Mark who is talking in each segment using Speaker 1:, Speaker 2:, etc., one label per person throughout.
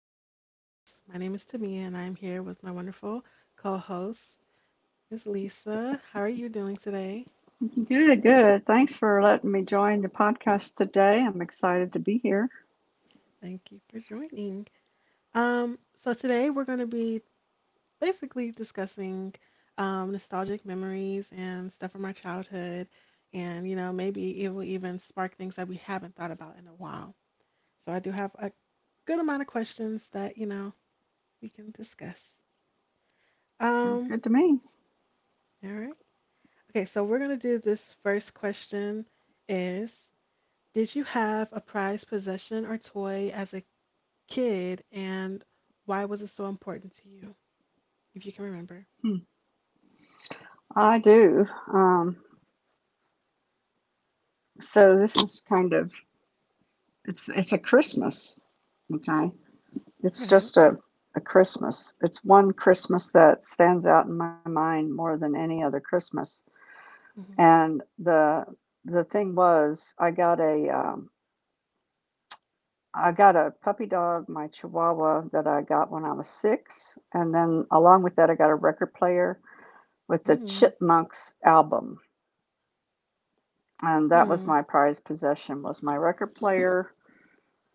Speaker 1: podcast. My name is Tamia, and I'm here with my wonderful co host, Ms. Lisa. How are you doing today?
Speaker 2: Good, good. Thanks for letting me join the podcast today. I'm excited to be here.
Speaker 1: Thank you for joining. Today we're going to be basically discussing nostalgic memories and stuff from our childhood, and you know, maybe it will even spark things that we haven't thought about in a while. So, I do have a good amount of questions that you know we can discuss.
Speaker 2: Sounds good to
Speaker 1: Um,
Speaker 2: me.
Speaker 1: all right. Okay, so we're going to do this first question is: Did you have a prized possession or toy as a kid and why was it so important to you? If you can remember.
Speaker 2: Hmm. I do. Um, so this is kind of it's a Christmas, okay? It's
Speaker 1: Okay.
Speaker 2: just a Christmas. It's one Christmas that stands out in my mind more than any other Christmas.
Speaker 1: Mm-hmm.
Speaker 2: And the thing was, I got a puppy dog, my Chihuahua, that I got when I was six, and then along with that, I got a record player with the Chipmunks album, and
Speaker 1: Mm-hmm.
Speaker 2: that was my prized possession, was my record player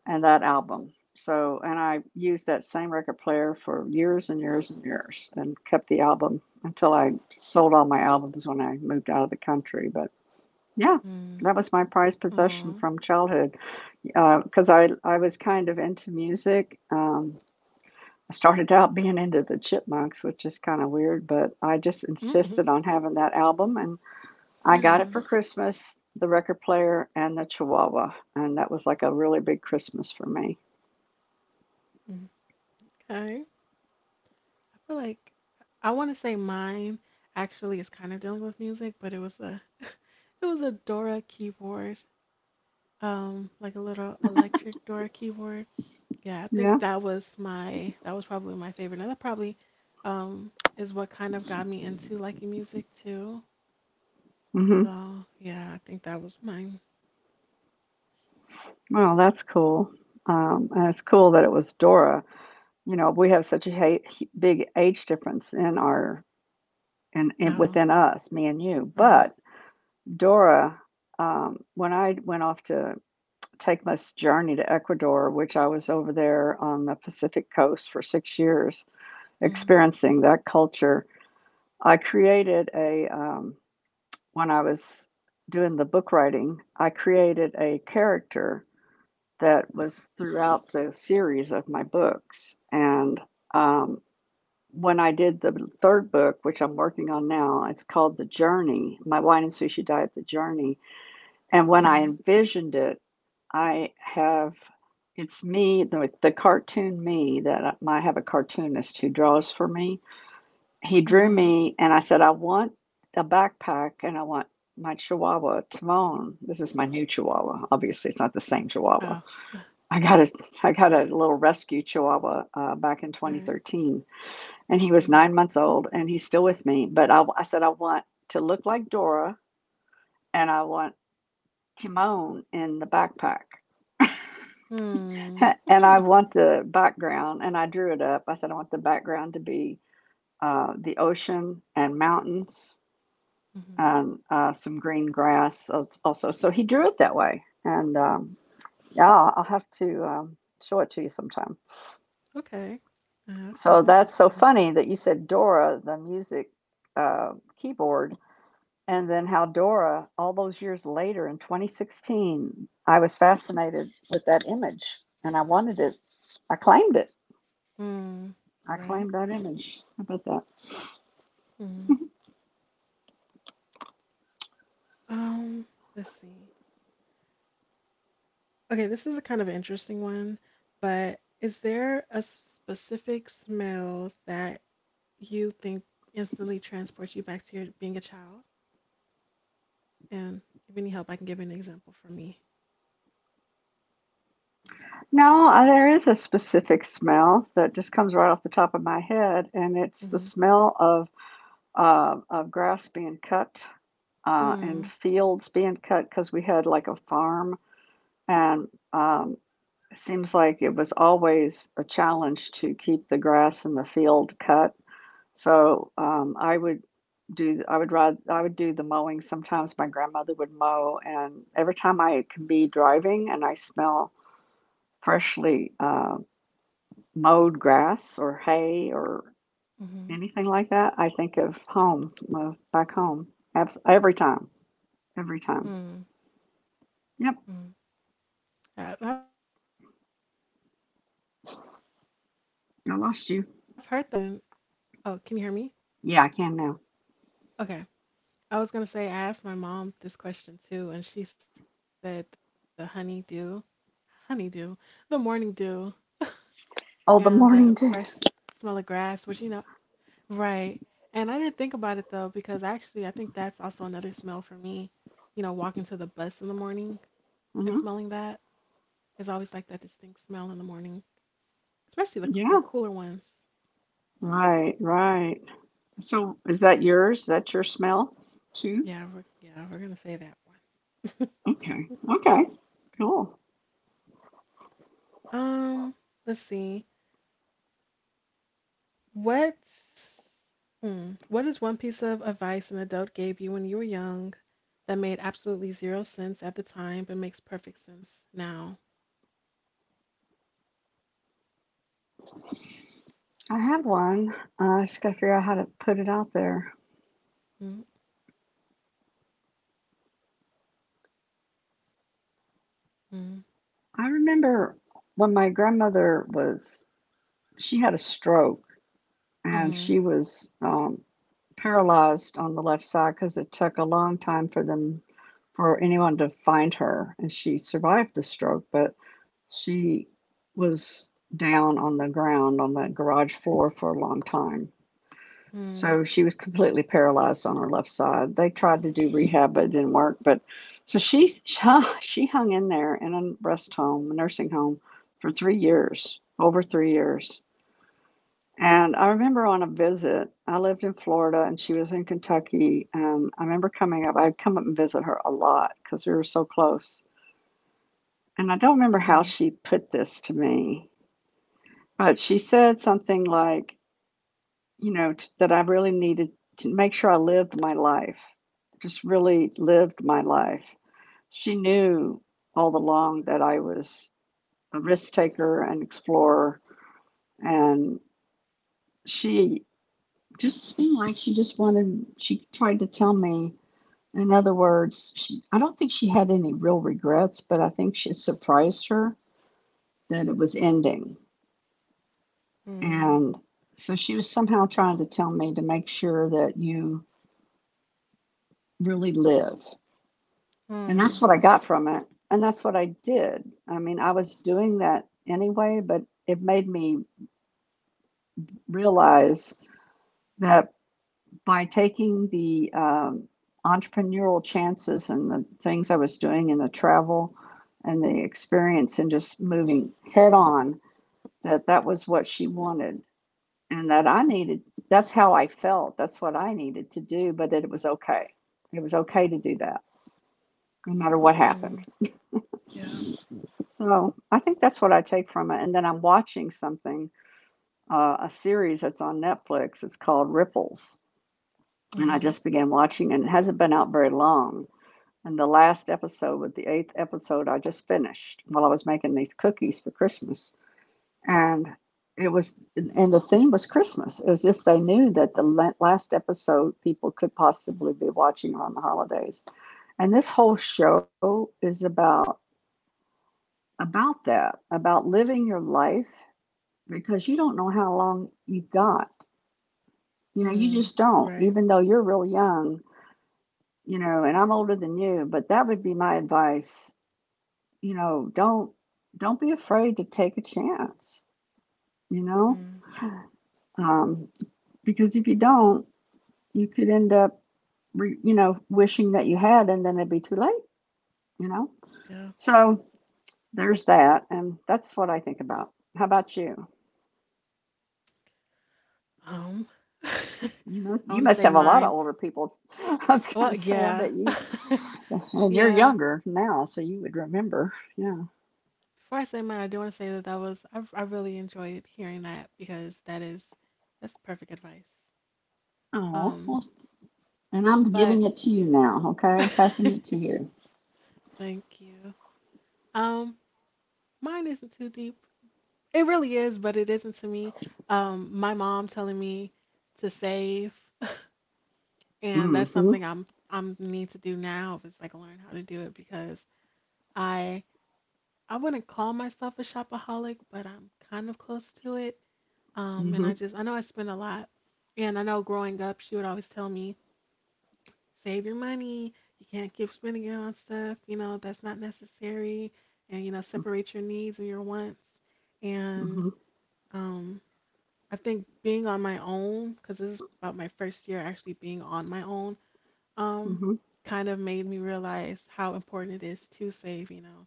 Speaker 2: and that album. So, and I used that same record player for years and years and years, and kept the album until I sold all my albums when I moved out of the country. But yeah,
Speaker 1: Mm-hmm.
Speaker 2: that was my prized possession
Speaker 1: Oh.
Speaker 2: from childhood, because I was kind of into music. I started out being into the Chipmunks, which is kind of weird, but I just
Speaker 1: Mm-hmm.
Speaker 2: insisted on having that album, and I got it
Speaker 1: Yeah.
Speaker 2: for Christmas, the record player and the Chihuahua, and that was like a really big Christmas for me.
Speaker 1: Mm. Okay. I feel like I want to say mine actually is kind of dealing with music, but it was a it was a Dora keyboard. Like a little electric Dora keyboard. Yeah, I think
Speaker 2: Yeah.
Speaker 1: that was my that was probably my favorite. And that probably um is what kind of got me into liking music too.
Speaker 2: Hmm.
Speaker 1: So yeah, I think that was mine.
Speaker 2: Well, that's cool. And it's cool that it was Dora. You know, we have such a big age difference in our and in,
Speaker 1: Oh,
Speaker 2: within us, me and you.
Speaker 1: right.
Speaker 2: But Dora, when I went off to take this journey to Ecuador, which I was over there on the Pacific coast for 6 years,
Speaker 1: Mm,
Speaker 2: experiencing that culture, I created a when I was doing the book writing, I created a character that was throughout the series of my books. And um, when I did the third book, which I'm working on now, it's called The Journey, My Wine and Sushi Diet, The Journey. And when I
Speaker 1: mm,
Speaker 2: envisioned it, I have it's me, the cartoon me, that I have a cartoonist who draws for me. He drew
Speaker 1: mm-hmm.
Speaker 2: me, and I said, I want a backpack and I want my chihuahua, Timon. This is my new chihuahua. Obviously, it's not the same chihuahua.
Speaker 1: Oh,
Speaker 2: I got a, I got a little rescue chihuahua back in
Speaker 1: okay.
Speaker 2: 2013, and he was
Speaker 1: Mm,
Speaker 2: 9 months old, and he's still with me. But I said, I want to look like Dora, and I want Timon in the backpack.
Speaker 1: mm.
Speaker 2: And I want the background, and I drew it up. I said, I want the background to be the ocean and mountains,
Speaker 1: mm-hmm.
Speaker 2: and some green grass also. So he drew it that way. And yeah, I'll have to show it to you sometime.
Speaker 1: Okay. That
Speaker 2: So
Speaker 1: sounds
Speaker 2: that's so
Speaker 1: interesting.
Speaker 2: funny that you said Dora, the music uh, keyboard, and then how Dora, all those years later in 2016, I was fascinated with that image and I wanted it. I claimed it.
Speaker 1: Mm,
Speaker 2: I
Speaker 1: right.
Speaker 2: claimed that image. How about that?
Speaker 1: Mm. Um, let's see. Okay, this is a kind of interesting one, but is there a specific smell that you think instantly transports you back to your being a child? And if you need help, I can give you an example for me.
Speaker 2: No, there is a specific smell that just comes right off the top of my head, and it's the
Speaker 1: Mm-hmm.
Speaker 2: smell of of grass being cut, and
Speaker 1: Hmm.
Speaker 2: fields being cut because we had like a farm. And it seems like it was always a challenge to keep the grass and the field cut. So I would do the mowing. Sometimes my grandmother would mow, and every time I can be driving and I smell freshly mowed grass or hay or
Speaker 1: Mm-hmm.
Speaker 2: anything like that, I think of home, of back home. Every time, every time.
Speaker 1: Hmm.
Speaker 2: Yep,
Speaker 1: Hmm. I've heard that from somebody. At, well, I want to say my mom.
Speaker 2: I
Speaker 1: I
Speaker 2: lost
Speaker 1: asked
Speaker 2: you.
Speaker 1: her this question. Oh, can you hear me?
Speaker 2: Yeah, I can now.
Speaker 1: Okay. I was gonna say I asked my mom this question too, and she said the honeydew, honeydew, the morning dew,
Speaker 2: Oh, the
Speaker 1: and that
Speaker 2: morning dew.
Speaker 1: fresh smell of grass, which you know. Right. And I didn't think about it though, because actually, I think that's also another smell for me. You know, walking to the bus in the morning and
Speaker 2: Hmm.
Speaker 1: smelling that is always like that distinct smell in the morning, especially the
Speaker 2: Yeah,
Speaker 1: the cooler ones.
Speaker 2: right, right. So, is that yours? Is that your smell too?
Speaker 1: Yeah, yeah, we're gonna say that one.
Speaker 2: Okay, okay, cool.
Speaker 1: Um, let's see. What's what is one piece of advice an adult gave you when you were young that made absolutely zero sense at the time, but makes perfect sense now?
Speaker 2: I have one. I just got to figure out how to put it out there.
Speaker 1: Mm-hmm.
Speaker 2: I remember, when my grandmother was, she had a stroke, and
Speaker 1: Mm-hmm.
Speaker 2: she was paralyzed on the left side, because it took a long time for them for anyone to find her, and she survived the stroke. But she was down on the ground on that garage floor for a long time, so she was completely paralyzed on her left side. They tried to do rehab but it didn't work. But so she she hung in there in a rest home, a nursing home, for 3 years, over 3 years. And I remember, on a visit, I lived in Florida and she was in Kentucky. And I remember coming up, I'd come up and visit her a lot because we were so close.
Speaker 1: Mm-hmm.
Speaker 2: And I don't remember how she put this to me, but she said something like, you know, that I really needed to make sure I lived my life, just really lived my life. She knew all along that I was a risk taker and explorer. And she just seemed like she just wanted, she tried to tell me, in other words. She, I don't think she had any real regrets, but I think she surprised her that it was ending.
Speaker 1: Mm-hmm.
Speaker 2: And so she was somehow trying to tell me to make sure that you really live. And
Speaker 1: Mm,
Speaker 2: that's what I got from it, and that's what I did. I mean, I was doing that anyway, but it made me realize that by taking the entrepreneurial chances and the things I was doing and the travel and the experience, and just moving head on, that that was what she wanted, and that I needed. That's how I felt, that's what I needed to do, but it was okay, it was okay to do that, no matter what happened.
Speaker 1: mm, yeah.
Speaker 2: So I think that's what I take from it. And then I'm watching something, a series that's on Netflix. It's called Ripples, and I
Speaker 1: Mm-hmm.
Speaker 2: just began watching, and it hasn't been out very long. And the last episode was the eighth episode, I just finished while I was making these cookies for Christmas. And and the theme was Christmas, as if they knew that the last episode people could possibly be watching around the holidays. And this whole show is about that, about living your life, because you don't know how long you've got. You know, you
Speaker 1: Mm,
Speaker 2: just don't,
Speaker 1: right.
Speaker 2: even though you're real young, you know, and I'm older than you, but that would be my advice, you know. Don't be afraid to take a chance, you know?
Speaker 1: Mm,
Speaker 2: Um, because if you don't, you could end up you know, wishing that you had, and then it'd be too late, you know?
Speaker 1: yeah.
Speaker 2: So there's that, and that's what I think about. How about you?
Speaker 1: Um, I
Speaker 2: You must you
Speaker 1: want to
Speaker 2: must
Speaker 1: say
Speaker 2: have a lot of
Speaker 1: mine.
Speaker 2: older people. I was going to
Speaker 1: Well,
Speaker 2: say, I
Speaker 1: yeah.
Speaker 2: bet you, and you're
Speaker 1: yeah.
Speaker 2: younger now, so you would remember. Yeah.
Speaker 1: Before I say mine, I do want to say that that was, I really enjoyed hearing that because that's perfect advice.
Speaker 2: Oh,
Speaker 1: Um,
Speaker 2: well. And I'm
Speaker 1: but
Speaker 2: giving it to you now, okay? I'm passing it to you.
Speaker 1: thank you. Um, mine isn't too deep. It really is, but it isn't to me. My mom telling me to save. And
Speaker 2: Mm.
Speaker 1: that's
Speaker 2: Mhm.
Speaker 1: something I'm need to do now, is like learn how to do it because I I wouldn't call myself a shopaholic, but I'm kind of close to it. And I
Speaker 2: Mm.
Speaker 1: just I know I spend a lot. And I know growing up, she would always tell me, save your money. You can't keep spending it on stuff, you know, that's not necessary. And, you know,
Speaker 2: Mhm.
Speaker 1: separate your needs and your wants. And
Speaker 2: Hmm.
Speaker 1: um, I think being on my own, because this is about my first year actually being on my own, um
Speaker 2: Hmm.
Speaker 1: kind of made me realize how important it is to save, you know,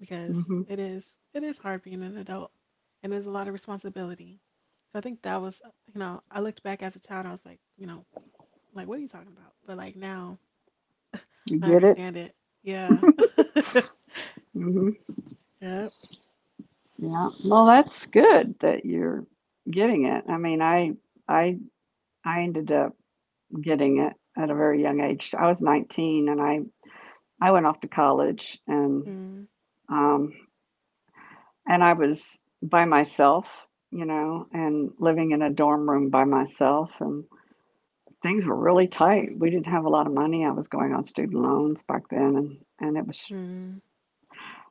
Speaker 1: because
Speaker 2: Hmm.
Speaker 1: it is hard being an adult and there's a lot of responsibility. So I think that was, you know, I looked back as a child, I was like, you know, like what are you talking about? But like now
Speaker 2: You
Speaker 1: I
Speaker 2: get it?
Speaker 1: understand it. Yeah.
Speaker 2: Hmm.
Speaker 1: Yep.
Speaker 2: Yeah. Well, that's good that you're getting it. I mean, I I ended up getting it at a very young age. I was 19, and I went off to college,
Speaker 1: Mm,
Speaker 2: um and I was by myself, you know, and living in a dorm room by myself, and things were really tight. We didn't have a lot of money. I was going on student loans back then, and it was
Speaker 1: mm,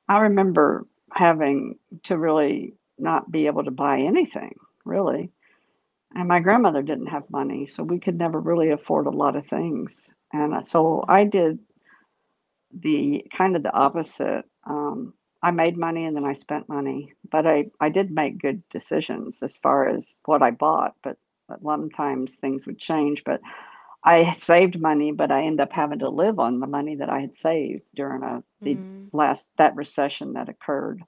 Speaker 2: I remember having to really not be able to buy anything, really. And my grandmother didn't have money, so we could never really afford a lot of things. And so I did the kind of the opposite. I made money and then I spent money, but I did make good decisions as far as what I bought, but, sometimes things would change. But I saved money, but I ended up having to live on the money that I had saved during the
Speaker 1: mm,
Speaker 2: last, that recession that occurred,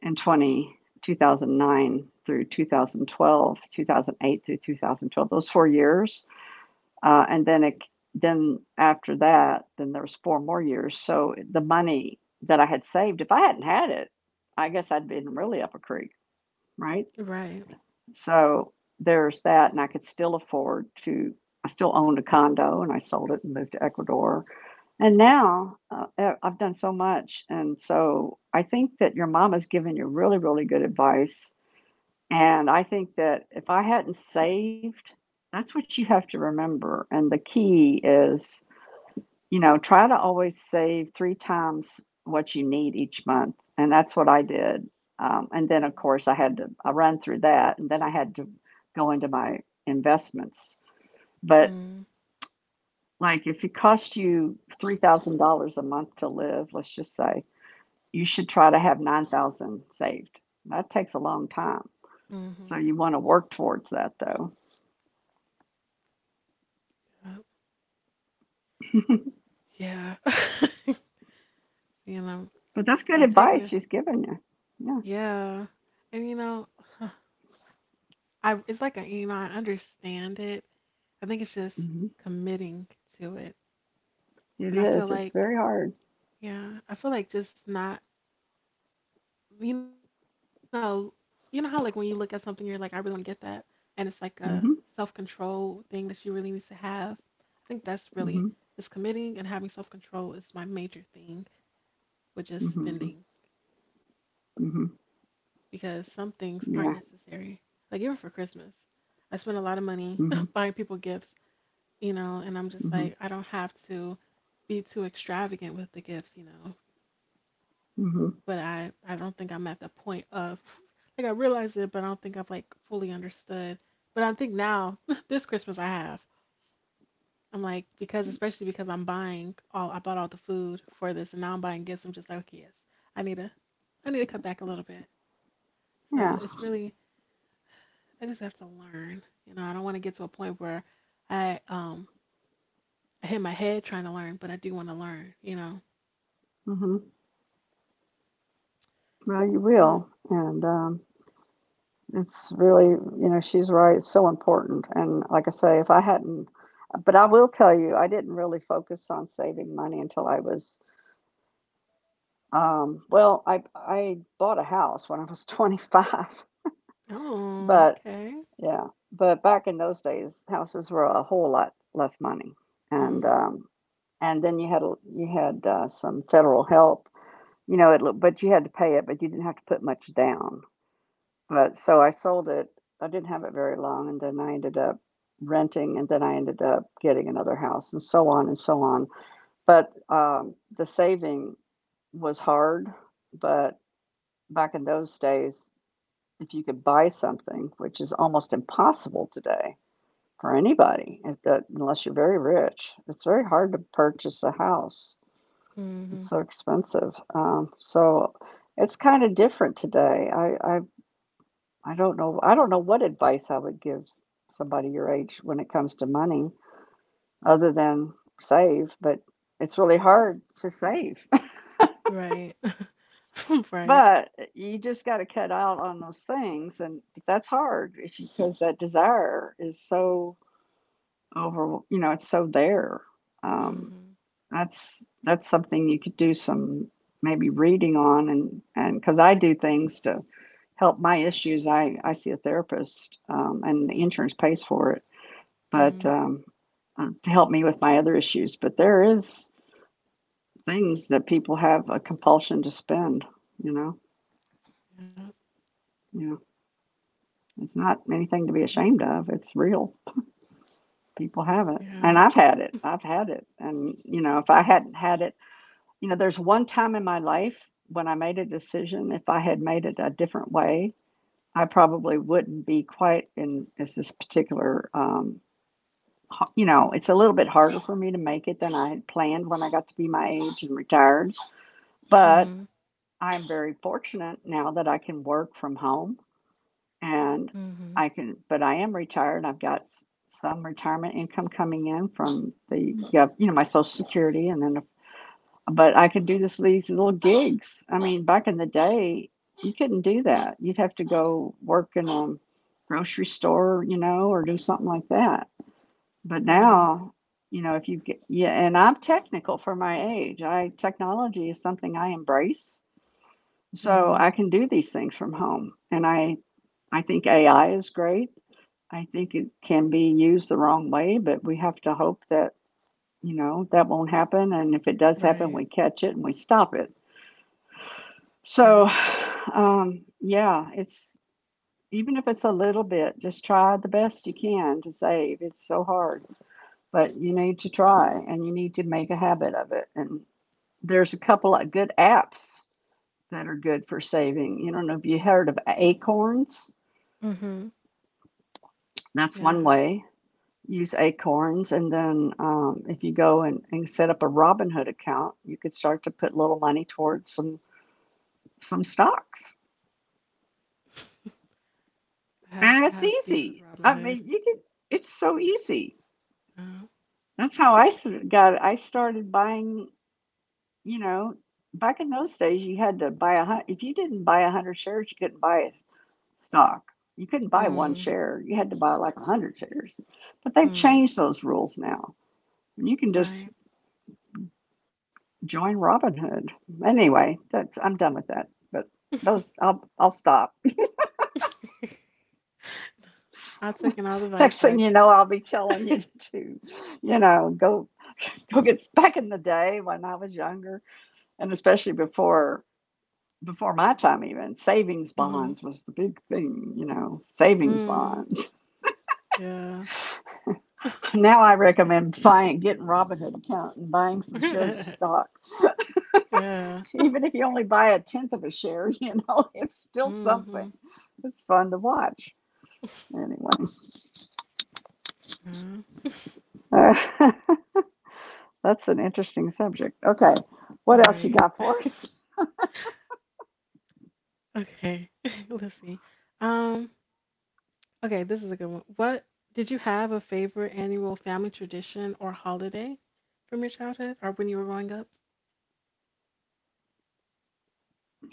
Speaker 2: and 20, 2009 through 2012, 2008 through 2012, those 4 years. And then then after that, then there was 4 more years. So the money that I had saved, if I hadn't had it, I guess I'd been really up a creek, right?
Speaker 1: right.
Speaker 2: So there's that, and I could still afford to. I still owned a condo, and I sold it and moved to Ecuador. And now, I've done so much, and so I think that your mom has given you really, really good advice. And I think that if I hadn't saved, that's what you have to remember. And the key is, you know, try to always save three times what you need each month. And that's what I did. And then, of course, I had to I run through that, and then I had to go into my investments. But,
Speaker 1: Mm,
Speaker 2: like, if it costs you $3,000 a month to live, let's just say you should try to have 9,000 saved. That takes a long time,
Speaker 1: mm-hmm.
Speaker 2: so you want to work towards that, though.
Speaker 1: Yep. Yeah. You know,
Speaker 2: But that's good
Speaker 1: I'm taking
Speaker 2: advice
Speaker 1: it.
Speaker 2: she's giving you. Yeah,
Speaker 1: Yeah. And you know, I it's like a, you know, I understand it. I think it's just
Speaker 2: hmm
Speaker 1: committing to it.
Speaker 2: it
Speaker 1: And I feel
Speaker 2: is. It's
Speaker 1: like,
Speaker 2: very hard.
Speaker 1: yeah, I feel like just not, you know, you know how like when you look at something, you're like, I really want to get that. And it's like a
Speaker 2: Mm hmm.
Speaker 1: self-control thing that you really need to have. I think that's really,
Speaker 2: Mm
Speaker 1: it's committing and having self-control is my major thing with just
Speaker 2: hmm.
Speaker 1: spending
Speaker 2: Mm hmm. Mm hmm.
Speaker 1: because some things
Speaker 2: Yeah.
Speaker 1: aren't necessary. Like even for Christmas, I spent a lot of
Speaker 2: Mm
Speaker 1: money
Speaker 2: hmm.
Speaker 1: buying people gifts, you know, and I'm just
Speaker 2: Mm
Speaker 1: like, I don't have to be too extravagant with the gifts, you know.
Speaker 2: hmm. Mm hmm.
Speaker 1: But I don't think I'm at the point of, like, I realize it, but I don't think I've like fully understood. But I think now, this Christmas I have. I'm like, because especially because I bought all the food for this, and now I'm buying gifts. I'm just like, okay, yes, I need to, I need to cut back a little bit. So
Speaker 2: Yeah.
Speaker 1: it's really, I just have to learn. You know, I don't want to get to a point where I, um, I hit my head trying to learn, but I do want to learn. You
Speaker 2: Mm hmm. Well, you
Speaker 1: know.
Speaker 2: will, and it's really, you know, she's right. It's so important. And like I say, if I hadn't, but I will tell you, I didn't really focus on saving money until I was, well, I bought a house when I was 25,
Speaker 1: Oh,
Speaker 2: but
Speaker 1: okay.
Speaker 2: yeah, but back in those days, houses were a whole lot less money, and
Speaker 1: Mhm.
Speaker 2: um, and then you had some federal help, you know. But you had to pay it, but you didn't have to put much down. But so I sold it. I didn't have it very long, and then I ended up renting, and then I ended up getting another house, and so on and so on. But the saving was hard, but back in those days, if you could buy something, which is almost impossible today for anybody if that unless you're very rich. It's very hard to purchase a house. It's
Speaker 1: Mhm.
Speaker 2: so expensive. So it's kind of different today. I don't know I don't know what advice I would give somebody your age when it comes to money other than save, but it's really hard to save.
Speaker 1: Right. Right.
Speaker 2: But you just got to cut out on those things and that's hard if you, because that desire is so over, you know, it's so there. Um,
Speaker 1: Mhm.
Speaker 2: that's something you could do some maybe reading on and because I do things to help my issues. I see a therapist, and the insurance pays for it, but,
Speaker 1: Mhm.
Speaker 2: to help me with my other issues, but there is things that people have a compulsion to spend, you know?
Speaker 1: Yep.
Speaker 2: you know It's not anything to
Speaker 1: Yep.
Speaker 2: be ashamed of, it's real. People have it,
Speaker 1: Yeah.
Speaker 2: and I've had it. I've had it, and, you know, if I hadn't had it. You know, there's one time in my life when I made a decision, if I had made it a different way, I probably wouldn't be quite in as this particular, you know, it's a little bit harder for me to make it than I had planned when I got to be my age and retired. But
Speaker 1: Mhm.
Speaker 2: I'm very fortunate now that I can work from home and
Speaker 1: Mhm.
Speaker 2: I can, but I am retired. I've got some retirement income coming in from the, yeah, you know, my Social Security and then, but I could do this these little gigs. I mean, back in the day, you couldn't do that. You'd have to go work in a grocery store, you know, or do something like that. But
Speaker 1: Right.
Speaker 2: now, you know, if you get, yeah, and I'm technical for my age. I Technology is something I embrace, so
Speaker 1: Mhm.
Speaker 2: I can do these things from home. And I think AI is great. I think it can be used the wrong way, but we have to hope that, you know, that won't happen. And if it does happen,
Speaker 1: Right.
Speaker 2: we catch it and we stop it. So,
Speaker 1: Right.
Speaker 2: yeah, it's even if it's a little bit, just try the best you can to save. It's so hard, but you need to try and you need to make a habit of it. And there's a couple of good apps that are good for saving. You don't know if you heard of Acorns.
Speaker 1: Mhm.
Speaker 2: That's
Speaker 1: Yeah, I
Speaker 2: one
Speaker 1: have.
Speaker 2: way. Use Acorns, and then if you go and set up a Robinhood account, you could start to put little money towards some stocks.
Speaker 1: I have I
Speaker 2: And it's
Speaker 1: have beef with
Speaker 2: easy.
Speaker 1: Robin
Speaker 2: I
Speaker 1: Hood.
Speaker 2: mean, you can, it's so easy.
Speaker 1: Uh,
Speaker 2: That's how I sort of got, I started buying, you know, back in those days, you had to buy a hundred, if you didn't buy a hundred shares, you couldn't buy stock. You couldn't buy one
Speaker 1: mm,
Speaker 2: share. You had to buy like a hundred shares. But they've
Speaker 1: mm,
Speaker 2: changed those rules now. And you can just
Speaker 1: right.
Speaker 2: join Robinhood. Anyway, that's, I'm done with that. But those, I'll stop.
Speaker 1: I took in all the advice
Speaker 2: Next
Speaker 1: I
Speaker 2: thing you
Speaker 1: c-
Speaker 2: know, I'll be telling you to, you know, go go get back in the day when I was younger, and especially before my time even savings
Speaker 1: Mhm.
Speaker 2: bonds was the big thing, you know, savings
Speaker 1: Mm.
Speaker 2: bonds.
Speaker 1: Yeah.
Speaker 2: Now I recommend buying getting Robinhood account and buying some shares of stock.
Speaker 1: yeah.
Speaker 2: Even if you only buy a tenth of a share, you know, it's still something.
Speaker 1: Mhm.
Speaker 2: It's fun to watch, anyway.
Speaker 1: Yeah.
Speaker 2: uh, that's an interesting subject. Okay, what else you
Speaker 1: Right.
Speaker 2: got for us?
Speaker 1: Okay, let's see. Um, okay, this is a good one. What did you have a favorite annual family tradition or holiday from your childhood or when you were growing up?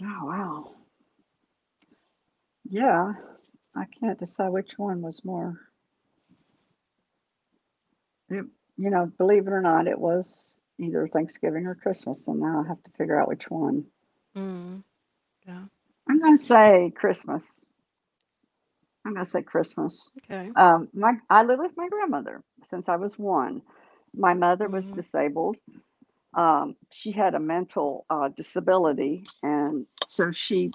Speaker 2: Oh, wow. Yeah. I can't decide which one was more. It, you know, believe it or not, it was either Thanksgiving or Christmas, and now I have to figure out which one.
Speaker 1: Mm, yeah.
Speaker 2: I'm going to say Christmas. I'm going to say
Speaker 1: Okay.
Speaker 2: Christmas. My I live with my grandmother since I was one. My
Speaker 1: Mm,
Speaker 2: mother was disabled. She had a mental disability, and so she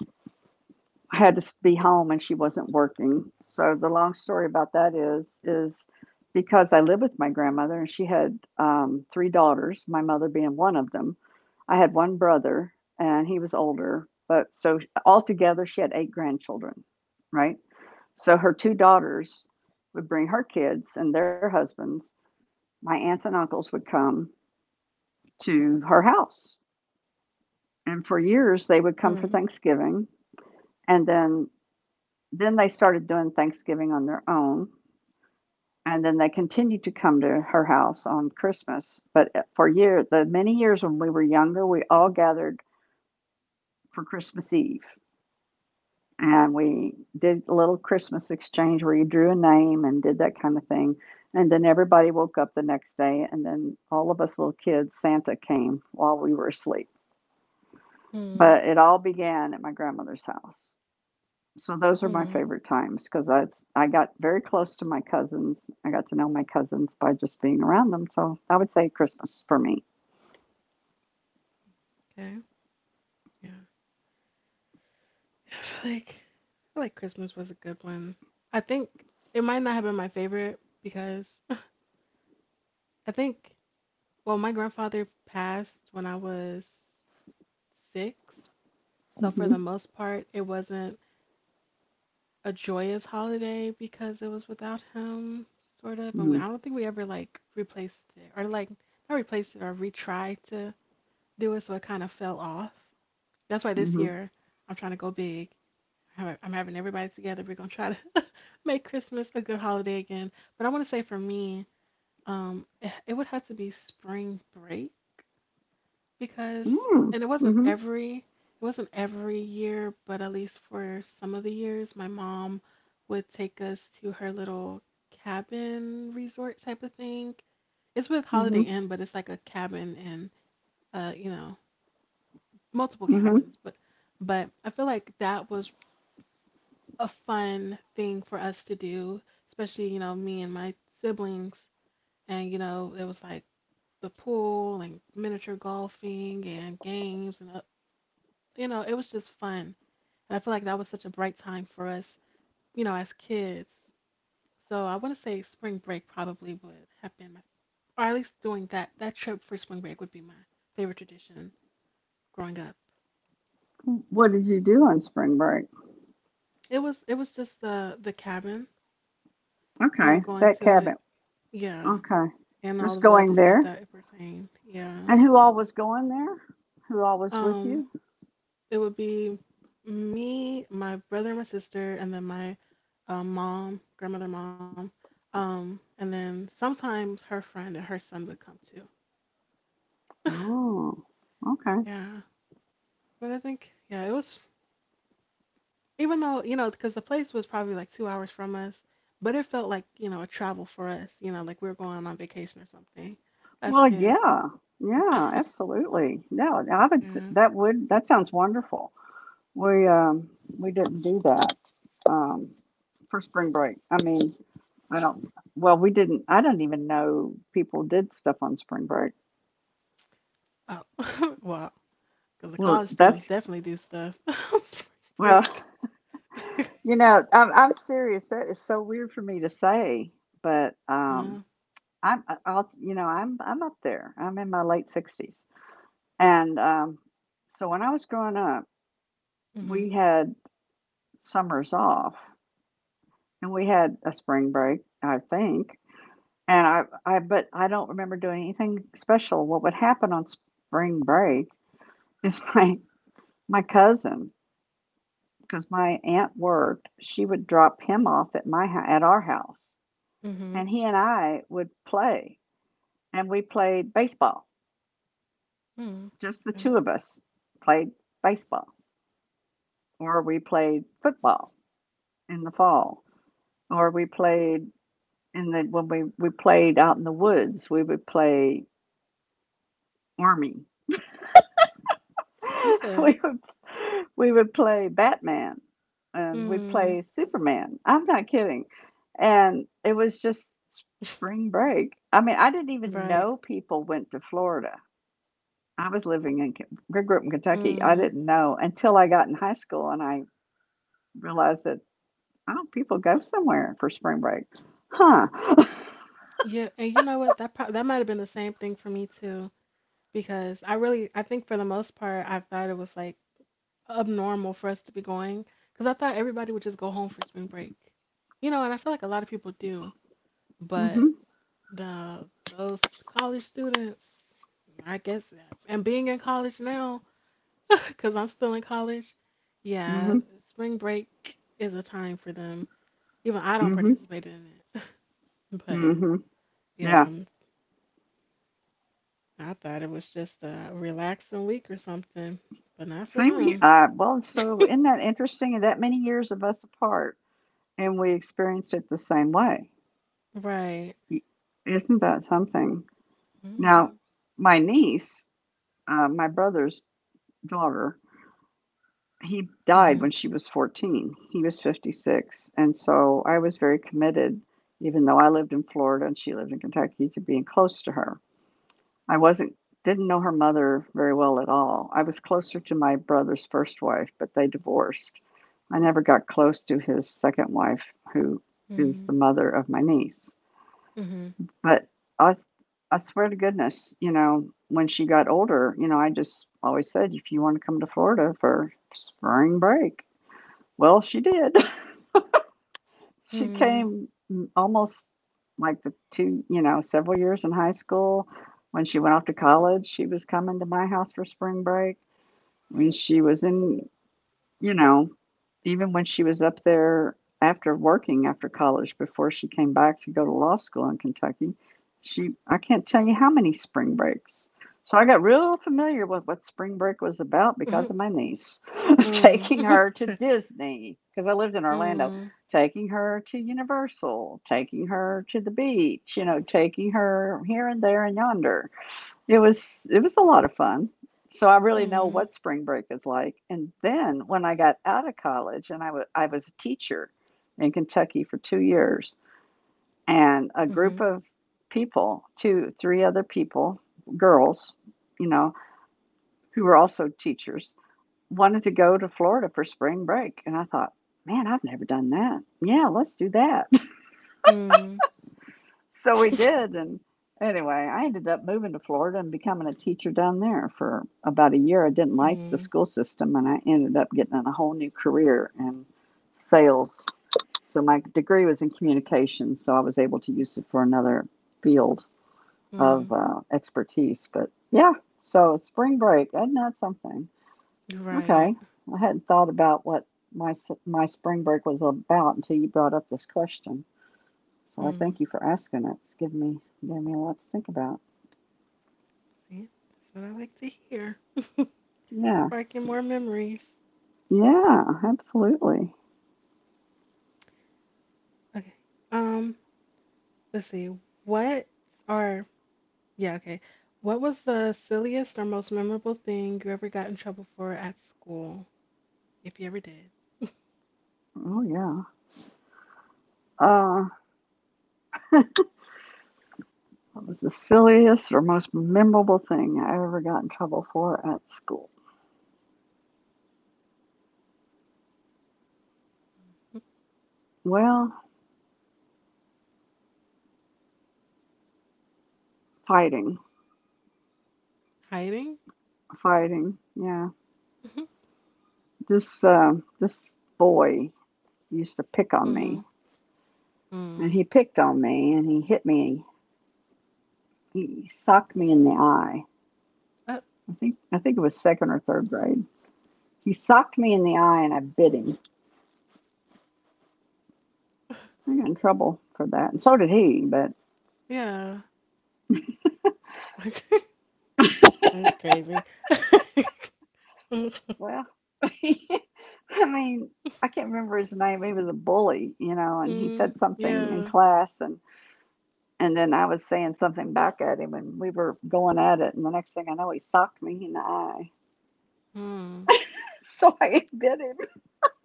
Speaker 2: I had to be home and she wasn't working. So the long story about that is because I lived with my grandmother and she had three daughters, my mother being one of them. I had one brother and he was older, but so altogether she had eight grandchildren, right? So her two daughters would bring her kids and their husbands. My aunts and uncles would come to her house. And for years, they
Speaker 1: mm,
Speaker 2: would come for Thanksgiving. And then they started doing Thanksgiving on their own, and then they continued to come to her house on Christmas. But the many years when we were younger, we all gathered for Christmas Eve, and we did a little Christmas exchange where you drew a name and did that kind of thing. And then everybody woke up the next day, and then all of us little kids, Santa came while we were asleep.
Speaker 1: mm,
Speaker 2: But it all began at my grandmother's house. So those are my
Speaker 1: mm.
Speaker 2: favorite times because that's I got very close to my cousins. I got to know my cousins by just being around them. So I would say Christmas for me.
Speaker 1: Okay. Yeah. I feel like Christmas was a good one. I think it might not have been my favorite because I think well, my grandfather passed when I was 6, so for
Speaker 2: Mm-hmm.
Speaker 1: the most part, it wasn't a joyous holiday because it was without him, sort of. And we, I don't think we ever like replaced it or like not replaced it or retried to do it, so it kind of fell off. That's why this
Speaker 2: Mm-hmm.
Speaker 1: year I'm trying to go big. I'm having everybody together. We're gonna try to make Christmas a good holiday again. But I want to say for me, it would have to be spring break
Speaker 2: Mm-hmm.
Speaker 1: because,
Speaker 2: Mm-hmm.
Speaker 1: and it wasn't every year, but at least for some of the years, my mom would take us to her little cabin resort type of thing. It's with
Speaker 2: Mm-hmm.
Speaker 1: Holiday Inn, but it's like a cabin and you know, multiple
Speaker 2: Mm-hmm.
Speaker 1: cabins, but I feel like that was a fun thing for us to do, especially, you know, me and my siblings. And, you know, it was like the pool and miniature golfing and games and you know it was just fun, and I feel like that was such a bright time for us, you know, as kids. So I want to say spring break probably would have been my, or at least doing that that trip for spring break would be my favorite tradition growing up.
Speaker 2: What did you do on spring break?
Speaker 1: It was it was just the cabin, you
Speaker 2: Okay,
Speaker 1: know, going
Speaker 2: that
Speaker 1: to
Speaker 2: cabin.
Speaker 1: it, yeah,
Speaker 2: Okay,
Speaker 1: and
Speaker 2: just
Speaker 1: all of the
Speaker 2: going
Speaker 1: other stuff
Speaker 2: there.
Speaker 1: that it pertained, yeah.
Speaker 2: And who all was going there? Who all was with you?
Speaker 1: Um, it would be me, my brother, and my sister, and then my mom, and then sometimes her friend and her son would come too.
Speaker 2: Oh, okay.
Speaker 1: Yeah, but I think yeah, it was even though you know because the place was probably like 2 hours from us, but it felt like you know a travel for us. You know, like we were going on vacation or something as
Speaker 2: Well,
Speaker 1: kids.
Speaker 2: yeah, yeah, absolutely. No, I would.
Speaker 1: Yeah.
Speaker 2: That would. That sounds wonderful. We um we didn't do that um for spring break. I mean, I don't. Well, we didn't. I don't even know people did stuff on spring break.
Speaker 1: Oh, wow. Because the
Speaker 2: Well,
Speaker 1: college
Speaker 2: that's
Speaker 1: students definitely do stuff on spring
Speaker 2: well.
Speaker 1: break.
Speaker 2: You know, I'm serious. That is so weird for me to say, but um,
Speaker 1: Uh,
Speaker 2: I'm I- I'll you know I'm up there. I'm in my late 60s, and so when I was growing up, we
Speaker 1: mhm,
Speaker 2: had summers off, and we had a spring break, I think, And I but I don't remember doing anything special. What would happen on spring break is my cousin, because my aunt worked, she would drop him off at our house,
Speaker 1: mhm,
Speaker 2: and he and I would play, and we played baseball.
Speaker 1: mm,
Speaker 2: Just the two
Speaker 1: okay.
Speaker 2: of us played baseball, or we played football in the fall, or we played in the when we played out in the woods, we would play army.
Speaker 1: You said,
Speaker 2: we would we would play Batman and we'd
Speaker 1: mm,
Speaker 2: play Superman. I'm not kidding. And it was just spring break. I mean, I didn't even
Speaker 1: right.
Speaker 2: know people went to Florida. I was living in K- I grew up in Kentucky. I
Speaker 1: Mm.
Speaker 2: didn't know until I got in high school and I realized that, oh, people go somewhere for spring break. Huh.
Speaker 1: Yeah, and you know what? That pro- that might have been the same thing for me too, because I really, I think for the most part, I thought it was like abnormal for us to be going, because I thought everybody would just go home for spring break, you know, and I feel like a lot of people do, but
Speaker 2: Mhm.
Speaker 1: the those college students, I guess, and being in college now, because I'm still in college, yeah,
Speaker 2: Mhm.
Speaker 1: spring break is a time for them. Even I don't
Speaker 2: Mhm.
Speaker 1: participate in it, but.
Speaker 2: Mhm.
Speaker 1: Yeah,
Speaker 2: Yeah.
Speaker 1: I thought it was just a relaxing week or something, but not for
Speaker 2: Same here.
Speaker 1: them.
Speaker 2: Well, so isn't that interesting? That many years of us apart, and we experienced it the same way.
Speaker 1: Right.
Speaker 2: Isn't that something? Now,
Speaker 1: Mhm.
Speaker 2: my niece, my brother's daughter, he died
Speaker 1: Mhm.
Speaker 2: when she was 14. He was 56. And so I was very committed, even though I lived in Florida and she lived in Kentucky, to being close to her. I wasn't, didn't know her mother very well at all. I was closer to my brother's first wife, but they divorced. I never got close to his second wife, who is the
Speaker 1: Mhm.
Speaker 2: mother of my niece.
Speaker 1: Mhm.
Speaker 2: But I s I swear to goodness, you know, when she got older, you know, I just always said, "If you wanna come to Florida for spring break." Well, she did. She came m almost like the two, you know, several years in high school. When she went off to college, she was coming to my house for spring break. When she was in you know, Even when she was up there after working after college before she came back to go to law school in Kentucky, she I can't tell you how many spring breaks. So I got real familiar with what spring break was about because
Speaker 1: Mhm.
Speaker 2: of my niece
Speaker 1: Mhm.
Speaker 2: taking
Speaker 1: Mhm.
Speaker 2: her to Disney because I lived in Orlando, taking her to Universal, taking her to the beach, you know, taking her here and there and yonder. It was a lot of fun. So I
Speaker 1: Mhm.
Speaker 2: really know
Speaker 1: Mhm.
Speaker 2: what spring break is like. And then when I got out of college and I was a teacher in Kentucky for 2 years and a group
Speaker 1: Mhm.
Speaker 2: of people, two three other people, girls, you know, who were also teachers, wanted to go to Florida for spring break and I thought, "Man, I've never done that. Yeah, let's do that."
Speaker 1: Mhm.
Speaker 2: So we did. And anyway, I ended up moving to Florida and becoming a teacher down there for about a year. I didn't like the
Speaker 1: Mhm.
Speaker 2: school system and I ended up getting in a whole new career in sales. So my degree was in communications, so I was able to use it for another field of
Speaker 1: Mhm.
Speaker 2: expertise. But yeah, so spring break, isn't that something?
Speaker 1: You're Right.
Speaker 2: Okay. I hadn't thought about what my spring break was about until you brought up this question. So I
Speaker 1: Mhm.
Speaker 2: thank you for asking it. It's given me a lot to think about.
Speaker 1: See, that's what I like to hear.
Speaker 2: Yeah.
Speaker 1: Sparking more memories.
Speaker 2: Yeah, absolutely.
Speaker 1: Okay. Um. Let's see. What are, yeah, okay. What was the silliest or most memorable thing you ever got in trouble for at school, if you ever did?
Speaker 2: Oh yeah. Uh what was the silliest or most memorable thing I ever got in trouble for at school?
Speaker 1: Mhm.
Speaker 2: Well, fighting.
Speaker 1: Hiding?
Speaker 2: Fighting. Yeah.
Speaker 1: Hmm
Speaker 2: This boy used to pick on
Speaker 1: hmm
Speaker 2: me. And
Speaker 1: mm
Speaker 2: he picked on me and he hit me. He socked me in the eye.
Speaker 1: Uh,
Speaker 2: I think it was second or third grade. He socked me in the eye and I bit him. I got in trouble for that, and so did he. But
Speaker 1: yeah. That's crazy.
Speaker 2: well, I mean, I can't remember his name. He was a bully, you know, and he
Speaker 1: mm,
Speaker 2: said something in
Speaker 1: yeah.
Speaker 2: class, and then I was saying something back at him, and we were going at it, and the next thing I know, he socked me in the eye.
Speaker 1: Hmm.
Speaker 2: So I bit him.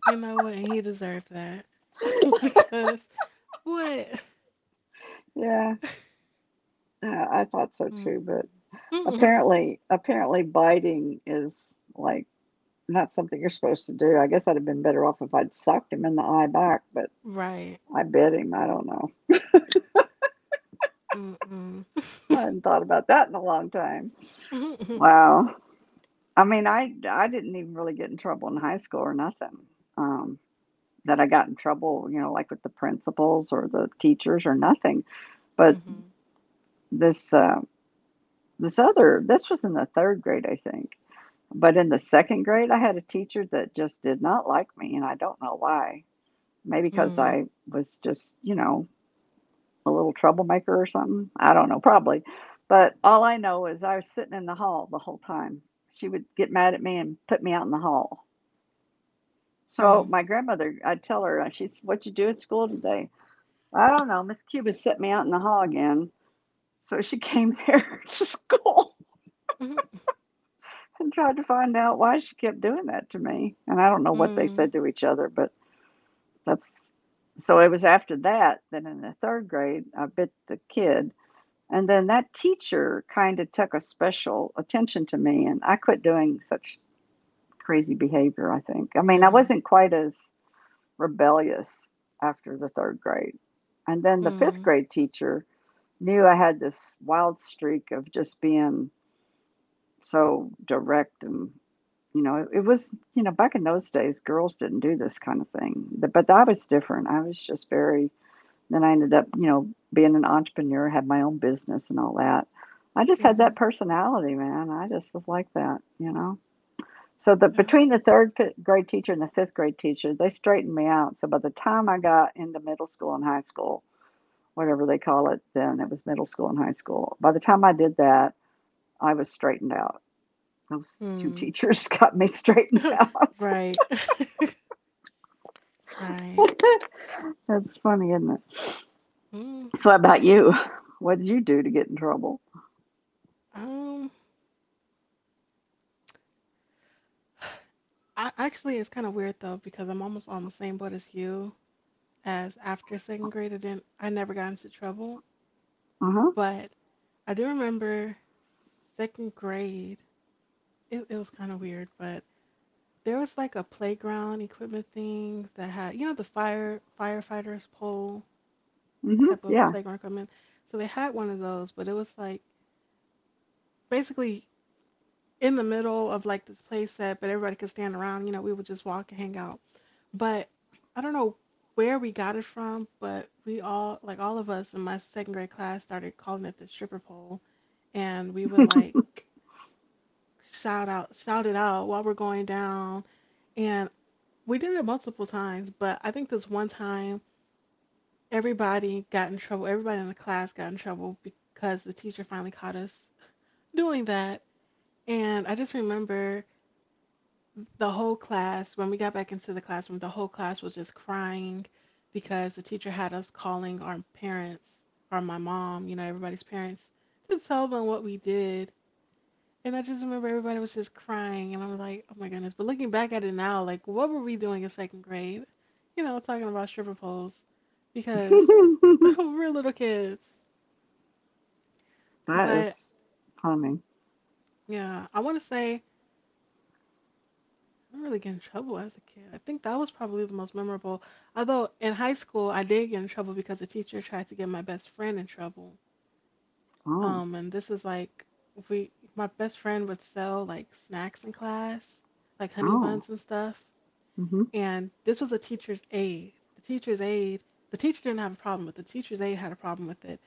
Speaker 1: You know what? And he deserved that. because what?
Speaker 2: Yeah, yeah, I thought so
Speaker 1: Mm,
Speaker 2: too, but
Speaker 1: mm,
Speaker 2: apparently, biting is like not something you're supposed to do. I guess I'd have been better off if I'd sucked him in the eye back, but
Speaker 1: right.
Speaker 2: I bit him. I don't know.
Speaker 1: Mm-mm.
Speaker 2: I hadn't thought about that in a long time. Wow. I mean, I didn't even really get in trouble in high school or nothing. Um, that I got in trouble, you know, like with the principals or the teachers or nothing. But
Speaker 1: Mm-hmm.
Speaker 2: this uh, this was in the third grade, I think. But in the second grade, I had a teacher that just did not like me, and I don't know why. Maybe because
Speaker 1: Mm-hmm.
Speaker 2: I was just, you know, a little troublemaker or something. I don't know, probably. But all I know is I was sitting in the hall the whole time. She would get mad at me and put me out in the hall. So my grandmother, I'd tell her, she's, what you do at school today? I don't know. Miss Cuba set me out in the hall again. So she came there to school and tried to find out why she kept doing that to me. And I don't know what they
Speaker 1: Mm-hmm.
Speaker 2: said to each other, but that's so it was after that that in the third grade, I bit the kid. And then that teacher kind of took a special attention to me, and I quit doing such crazy behavior, I think. I mean, I
Speaker 1: Mm-hmm.
Speaker 2: wasn't quite as rebellious after the third grade. And then the fifth
Speaker 1: Mm.
Speaker 2: grade teacher knew I had this wild streak of just being so direct and you know it, was you know back in those days girls didn't do this kind of thing. But I was different. I was just very. Then I ended up, you know, being an entrepreneur, had my own business and all that. I just had that
Speaker 1: Mhm.
Speaker 2: personality, man. I just was like that, you know. So the
Speaker 1: Yeah.
Speaker 2: between the third grade teacher and the fifth grade teacher, they straightened me out. So by the time I got into middle school and high school, whatever they call it then, it was middle school and high school. By the time I did that, I was straightened out. Those two
Speaker 1: Mm.
Speaker 2: teachers got me straightened out.
Speaker 1: Right. Right.
Speaker 2: That's funny, isn't it?
Speaker 1: Mm.
Speaker 2: So how about you? What did you do to get in trouble?
Speaker 1: Um. I actually, it's kind of weird though because I'm almost on the same boat as you. As after second grade, I didn't. I never got into trouble,
Speaker 2: Uh huh.
Speaker 1: but I do remember second grade. It was kind of weird, but there was like a playground equipment thing that had, you know, the firefighters pole
Speaker 2: Mhm,
Speaker 1: type of
Speaker 2: yeah.
Speaker 1: playground equipment. So they had one of those, but it was like basically in the middle of like this play set, but everybody could stand around. You know, we would just walk and hang out. But I don't know where we got it from, but we all, like all of us in my second grade class, started calling it the stripper pole. And we would like shout it out while we're going down. And we did it multiple times, but I think this one time, everybody got in trouble. Everybody in the class got in trouble because the teacher finally caught us doing that. And I just remember the whole class, when we got back into the classroom, the whole class was just crying because the teacher had us calling our parents or my mom, you know, everybody's parents to tell them what we did. And I just remember everybody was just crying. And I was like, oh my goodness. But looking back at it now, like, what were we doing in second grade? You know, talking about stripper poles because we're little kids.
Speaker 2: That
Speaker 1: But
Speaker 2: is funny.
Speaker 1: yeah, I want to say I really get in trouble as a kid. I think that was probably the most memorable. Although in high school, I did get in trouble because the teacher tried to get my best friend in trouble.
Speaker 2: Oh,
Speaker 1: And this was like my best friend would sell like snacks in class, like honey
Speaker 2: oh,
Speaker 1: buns and stuff.
Speaker 2: mhm,
Speaker 1: And this was a teacher's aide. The teacher's aide, the teacher didn't have a problem with it. The teacher's aide had a problem with it.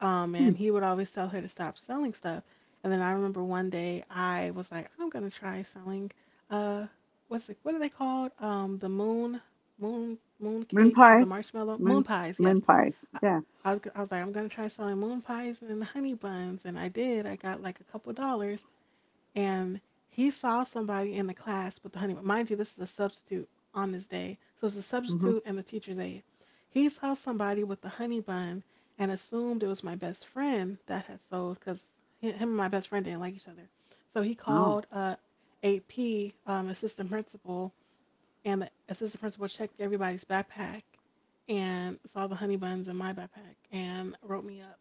Speaker 2: hmm.
Speaker 1: And he would always tell her to stop selling stuff. And then I remember one day I was like, I'm gonna try selling uh what are they called? The moon moon Moon
Speaker 2: Moon
Speaker 1: cakes with the
Speaker 2: pies,
Speaker 1: marshmallow moon
Speaker 2: moon
Speaker 1: pies,
Speaker 2: moon
Speaker 1: yes.
Speaker 2: pies.
Speaker 1: I,
Speaker 2: Yeah.
Speaker 1: I was like, I'm gonna try selling moon pies and honey buns, and I did. I got like a couple dollars, and he saw somebody in the class with the honeymoon. Mind you, this is a substitute on this day, so it's a
Speaker 2: Mhm.
Speaker 1: substitute and the teacher's aide. He saw somebody with the honey bun and assumed it was my best friend that had sold because him and my best friend didn't like each other. So he
Speaker 2: Oh,
Speaker 1: called AP, assistant principal, and the assistant principal checked everybody's backpack and saw the honey buns in my backpack and wrote me up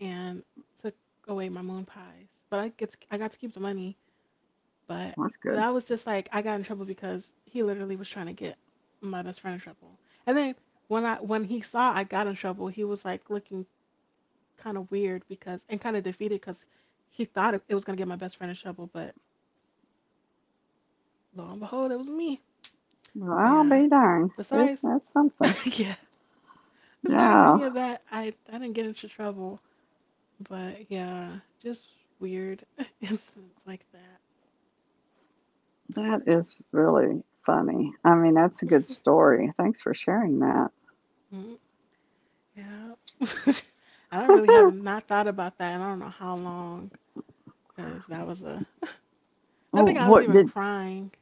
Speaker 1: and took away my moon pies. But I get to, I got to keep the money, but
Speaker 2: that's good.
Speaker 1: that was just like I got in trouble because he literally was trying to get my best friend in trouble. And then when he saw I got in trouble, he was like looking kind of weird, because and kind of defeated because he thought it was gonna get my best friend in trouble, but lo and behold, it was me. But yeah,
Speaker 2: Well, I'll be
Speaker 1: besides,
Speaker 2: darned. Is that's
Speaker 1: yeah,
Speaker 2: something.
Speaker 1: besides any of
Speaker 2: Yeah,
Speaker 1: that, I didn't get into trouble. But yeah, just weird incidents like that.
Speaker 2: that is really funny. I mean, that's a good story. Thanks for sharing that.
Speaker 1: Mm, yeah. And I really haven't not thought about that, and I don't know how long. Cause that was a. I
Speaker 2: Oh,
Speaker 1: think I was
Speaker 2: what
Speaker 1: even
Speaker 2: did
Speaker 1: crying.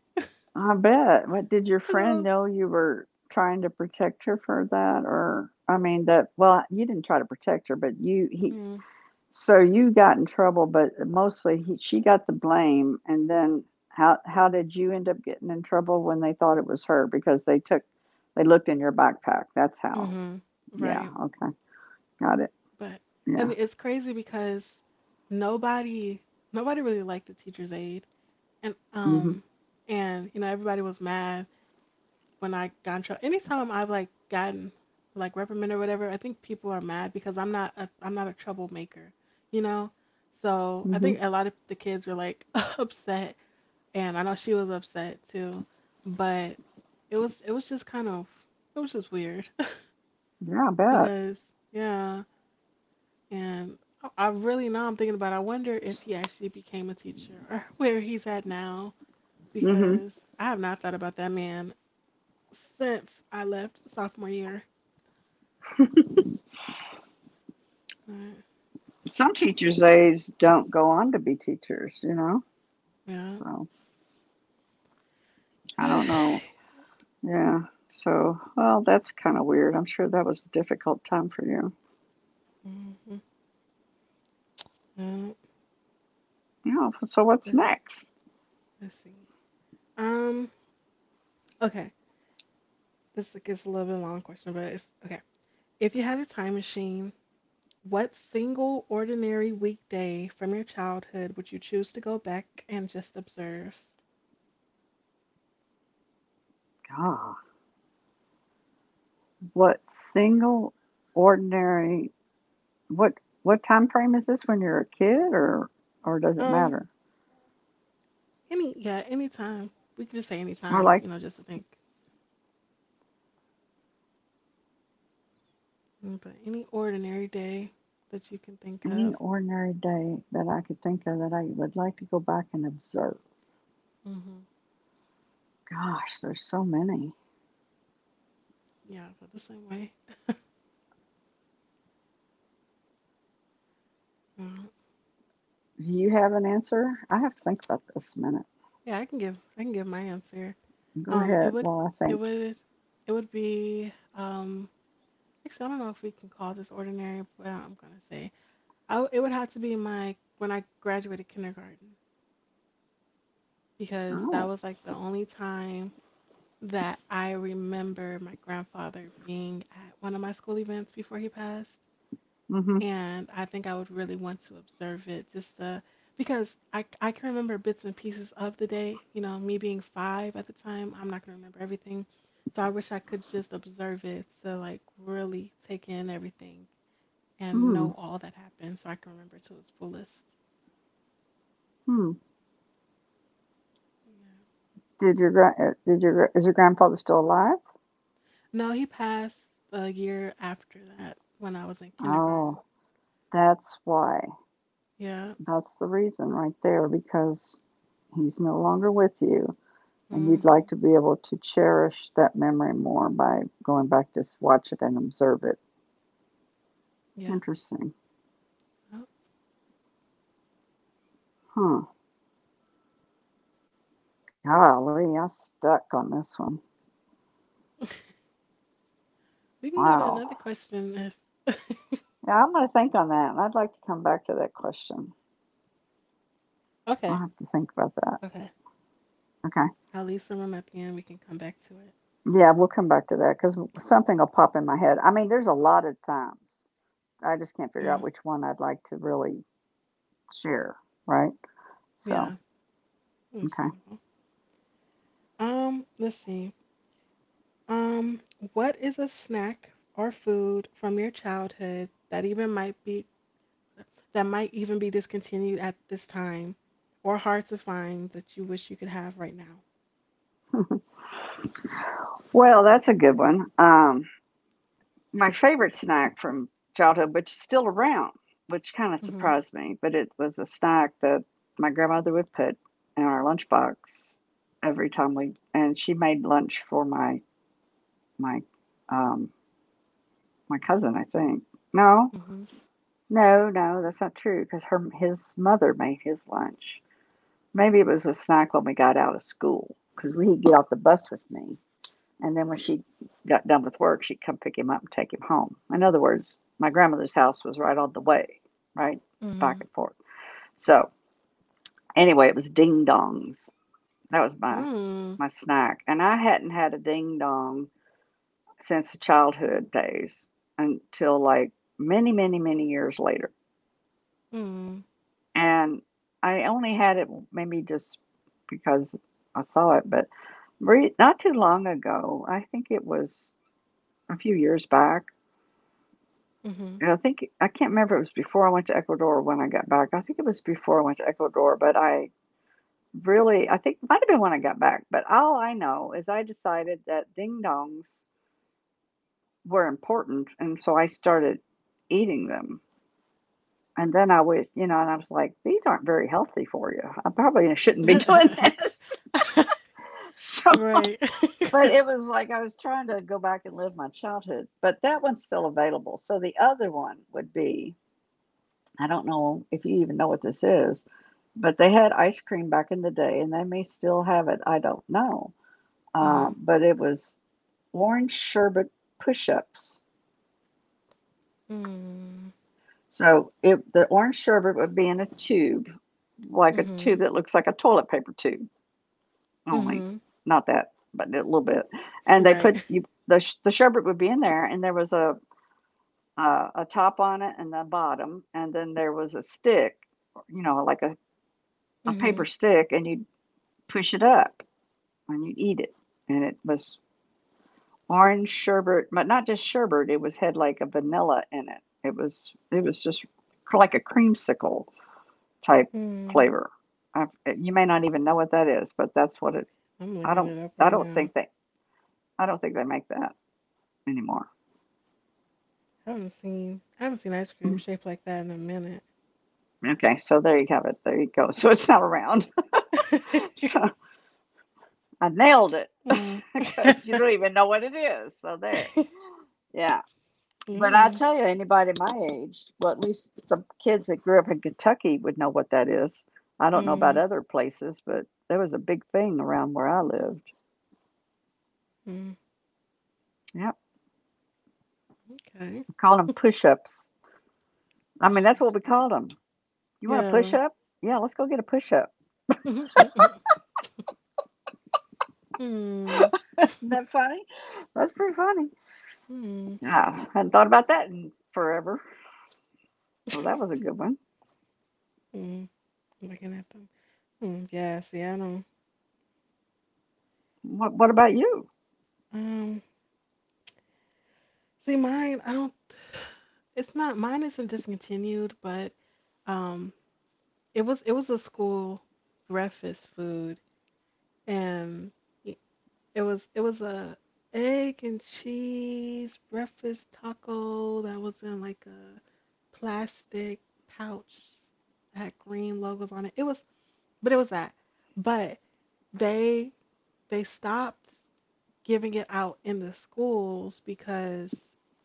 Speaker 2: I bet? What did your
Speaker 1: Cause I
Speaker 2: friend
Speaker 1: was.
Speaker 2: know you were trying to protect her for that? Or I mean, that well, you didn't try to protect her, but you he
Speaker 1: Mm,
Speaker 2: So you got in trouble, but mostly he she got the blame, and then how did you end up getting in trouble when they thought it was her because they took they looked in your backpack. That's how.
Speaker 1: hmm,
Speaker 2: Yeah,
Speaker 1: right.
Speaker 2: okay. Got it.
Speaker 1: But And
Speaker 2: Yeah.
Speaker 1: it's crazy because nobody nobody really liked the teacher's aide, and
Speaker 2: Mhm.
Speaker 1: um and you know everybody was mad when I got in trouble. Anytime I've like gotten like reprimanded or whatever, I think people are mad because I'm not a troublemaker, you know. So I
Speaker 2: Mhm.
Speaker 1: think a lot of the kids were like upset, and I know she was upset too, but it was just it was just weird
Speaker 2: Yeah, I bet.
Speaker 1: because yeah, and I really now I'm thinking about it, I wonder if he actually became a teacher or where he's at now,
Speaker 2: Mhm.
Speaker 1: because I have not thought about that man since I left sophomore year. Uh,
Speaker 2: Some teachers aides don't go on to be teachers, you know.
Speaker 1: yeah.
Speaker 2: So, I don't know. Yeah. So, well, that's kind of weird. I'm sure that was a difficult time for you.
Speaker 1: Mhm. Yeah.
Speaker 2: Yeah, so what's
Speaker 1: Let's
Speaker 2: next?
Speaker 1: let's see. Um. Okay. This gets a little bit long question, but it's okay. If you had a time machine, what single ordinary weekday from your childhood would you choose to go back and just observe?
Speaker 2: God. What single ordinary what what time frame is this when you're a kid or does it
Speaker 1: Um,
Speaker 2: matter?
Speaker 1: any, yeah, anytime. We can just say
Speaker 2: Or
Speaker 1: anytime,
Speaker 2: like
Speaker 1: you know, just to think. Mm, but any ordinary day that you can think
Speaker 2: any
Speaker 1: of.
Speaker 2: ordinary day that I could think of that I would like to go back and observe.
Speaker 1: Hmm.
Speaker 2: Gosh, there's so many.
Speaker 1: Yeah, I feel the same way. Mm,
Speaker 2: Do you have an answer? I have to think about this a minute.
Speaker 1: yeah, I can give my answer.
Speaker 2: Go
Speaker 1: Um, it
Speaker 2: ahead
Speaker 1: would
Speaker 2: while I
Speaker 1: it
Speaker 2: think.
Speaker 1: would it would be actually, I don't know if we can call this ordinary, but I'm gonna say it would have to be my when I graduated kindergarten, because that
Speaker 2: Oh.
Speaker 1: was like the only time that I remember my grandfather being at one of my school events before he passed.
Speaker 2: Mm-hmm.
Speaker 1: And I think I would really want to observe it just because I can remember bits and pieces of the day. You know, me being five at the time, I'm not going to remember everything. So I wish I could just observe it to like really take in everything and
Speaker 2: Mm.
Speaker 1: know all that happened so I can remember to its fullest.
Speaker 2: Hmm.
Speaker 1: Yeah.
Speaker 2: Did your is your grandfather still alive?
Speaker 1: No, he passed a year after that when I was in
Speaker 2: Oh,
Speaker 1: kindergarten.
Speaker 2: that's why.
Speaker 1: Yeah.
Speaker 2: That's the reason right there because he's no longer with you and you'd
Speaker 1: Hmm.
Speaker 2: like to be able to cherish that memory more by going back to watch it and observe it.
Speaker 1: Yeah.
Speaker 2: Interesting.
Speaker 1: Oh.
Speaker 2: Hmm. Golly, I stuck on this one.
Speaker 1: We can go to another question
Speaker 2: Wow.
Speaker 1: if.
Speaker 2: Yeah, I'm going to think on that, and I'd like to come back to that question.
Speaker 1: Okay.
Speaker 2: I'll have
Speaker 1: Okay.
Speaker 2: to think about that.
Speaker 1: I'll leave some room
Speaker 2: Okay.
Speaker 1: at the end. We can come back to it.
Speaker 2: Yeah, we'll come back to that because something will pop in my head. I mean, there's a lot of times. I just
Speaker 1: Yeah.
Speaker 2: can't figure out which one I'd like to really share, right? So,
Speaker 1: Yeah.
Speaker 2: okay.
Speaker 1: Understandable. Let's see. Um. What is a snack or food from your childhood that might even be discontinued at this time, or hard to find, that you wish you could have right now?
Speaker 2: Well, that's a good one. My favorite snack from childhood, which is still around, which kind of
Speaker 1: Mm-hmm.
Speaker 2: surprised me, but it was a snack that my grandmother would put in our lunchbox every time we, and she made lunch for my um, my cousin, I think. No, no, no, that's not true because her his mother made his lunch. Maybe it was a snack when we got out of school because we would get off the bus with me. And then when she got done with work, she'd come pick him up and take him home. In other words, my grandmother's house was right on the way, right? Back
Speaker 1: Mm-hmm.
Speaker 2: and forth. So anyway, it was ding dongs. That was my
Speaker 1: Mm.
Speaker 2: my snack. And I hadn't had a ding dong since childhood days until like many, many, many years later.
Speaker 1: Mm.
Speaker 2: And I only had it maybe just because I saw it, but not too long ago, I think it was a few years back,
Speaker 1: Mhm.
Speaker 2: and I think I can't remember if it was before I went to Ecuador or when I got back. I think it was before I went to Ecuador, but I really I think it might have been when I got back. But all I know is I decided that ding dongs were important, and so I started eating them. And then I was, you know, and I was like, these aren't very healthy for you. I probably shouldn't be doing this. So,
Speaker 1: Right.
Speaker 2: but it was like I was trying to go back and live my childhood. But that one's still available. So the other one would be I don't know if you even know what this is, but they had ice cream back in the day, and they may still have it. I don't know.
Speaker 1: Mhm.
Speaker 2: But it was orange sherbet push-ups.
Speaker 1: Mm.
Speaker 2: So it, the orange sherbet would be in a tube, like a tube
Speaker 1: Mhm.
Speaker 2: that looks like a toilet paper tube, only
Speaker 1: Mhm.
Speaker 2: not that, but a little bit. And
Speaker 1: Right.
Speaker 2: the sherbet would be in there, and there was a top on it and the bottom, and then there was a stick, you know, like a paper
Speaker 1: Mhm.
Speaker 2: stick, and you push it up when you eat it. And it was orange sherbet, but not just sherbet. It was had like a vanilla in it. It was just like a creamsicle type
Speaker 1: Mm.
Speaker 2: flavor. I, you may not even know what that is, but that's what it.
Speaker 1: I'm
Speaker 2: I
Speaker 1: looking
Speaker 2: don't.
Speaker 1: it up
Speaker 2: I
Speaker 1: right
Speaker 2: don't
Speaker 1: now.
Speaker 2: think they. I don't think they make that anymore.
Speaker 1: Haven't seen I haven't seen ice cream
Speaker 2: Mm.
Speaker 1: shaped like that in a minute.
Speaker 2: Okay, so there you have it. There you go. So it's not around. So I nailed it
Speaker 1: Mm.
Speaker 2: because you don't even know what it is. So there. Yeah. But I
Speaker 1: Mm.
Speaker 2: tell you, anybody my age, well, at least some kids that grew up in Kentucky would know what that is. I don't know about
Speaker 1: Mm.
Speaker 2: other places, but there was a big thing around where I lived.
Speaker 1: Mm.
Speaker 2: Yep,
Speaker 1: Okay.
Speaker 2: we called them push-ups. I mean, that's what
Speaker 1: Push-ups.
Speaker 2: we called them. You want a
Speaker 1: Yeah.
Speaker 2: push-up? Yeah, let's go get a push-up.
Speaker 1: Mhm. Mm. Mm. Mm.
Speaker 2: Isn't that funny? That's pretty funny.
Speaker 1: Mm.
Speaker 2: Yeah, I hadn't thought about that in forever. So that was a good one.
Speaker 1: Mm. Looking at them. Mm. Yeah. See, I don't.
Speaker 2: What about you?
Speaker 1: Um, See mine, I don't it's not, mine isn't discontinued, but um it was a school breakfast food, and y- it was a egg and cheese breakfast taco that was in like a plastic pouch that had green logos on it. It was but It was that. But they they stopped giving it out in the schools because,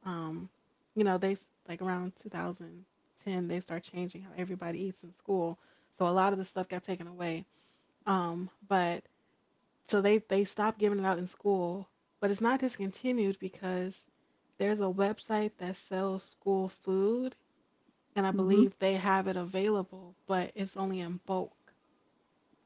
Speaker 1: um, you know, like around 2010 they start changing how everybody eats in school. So a lot of the stuff got taken away. But So they stopped giving it out in school, but it's not discontinued because there's a website that sells school food, and I
Speaker 2: Mm-hmm.
Speaker 1: believe they have it available, but it's only in bulk.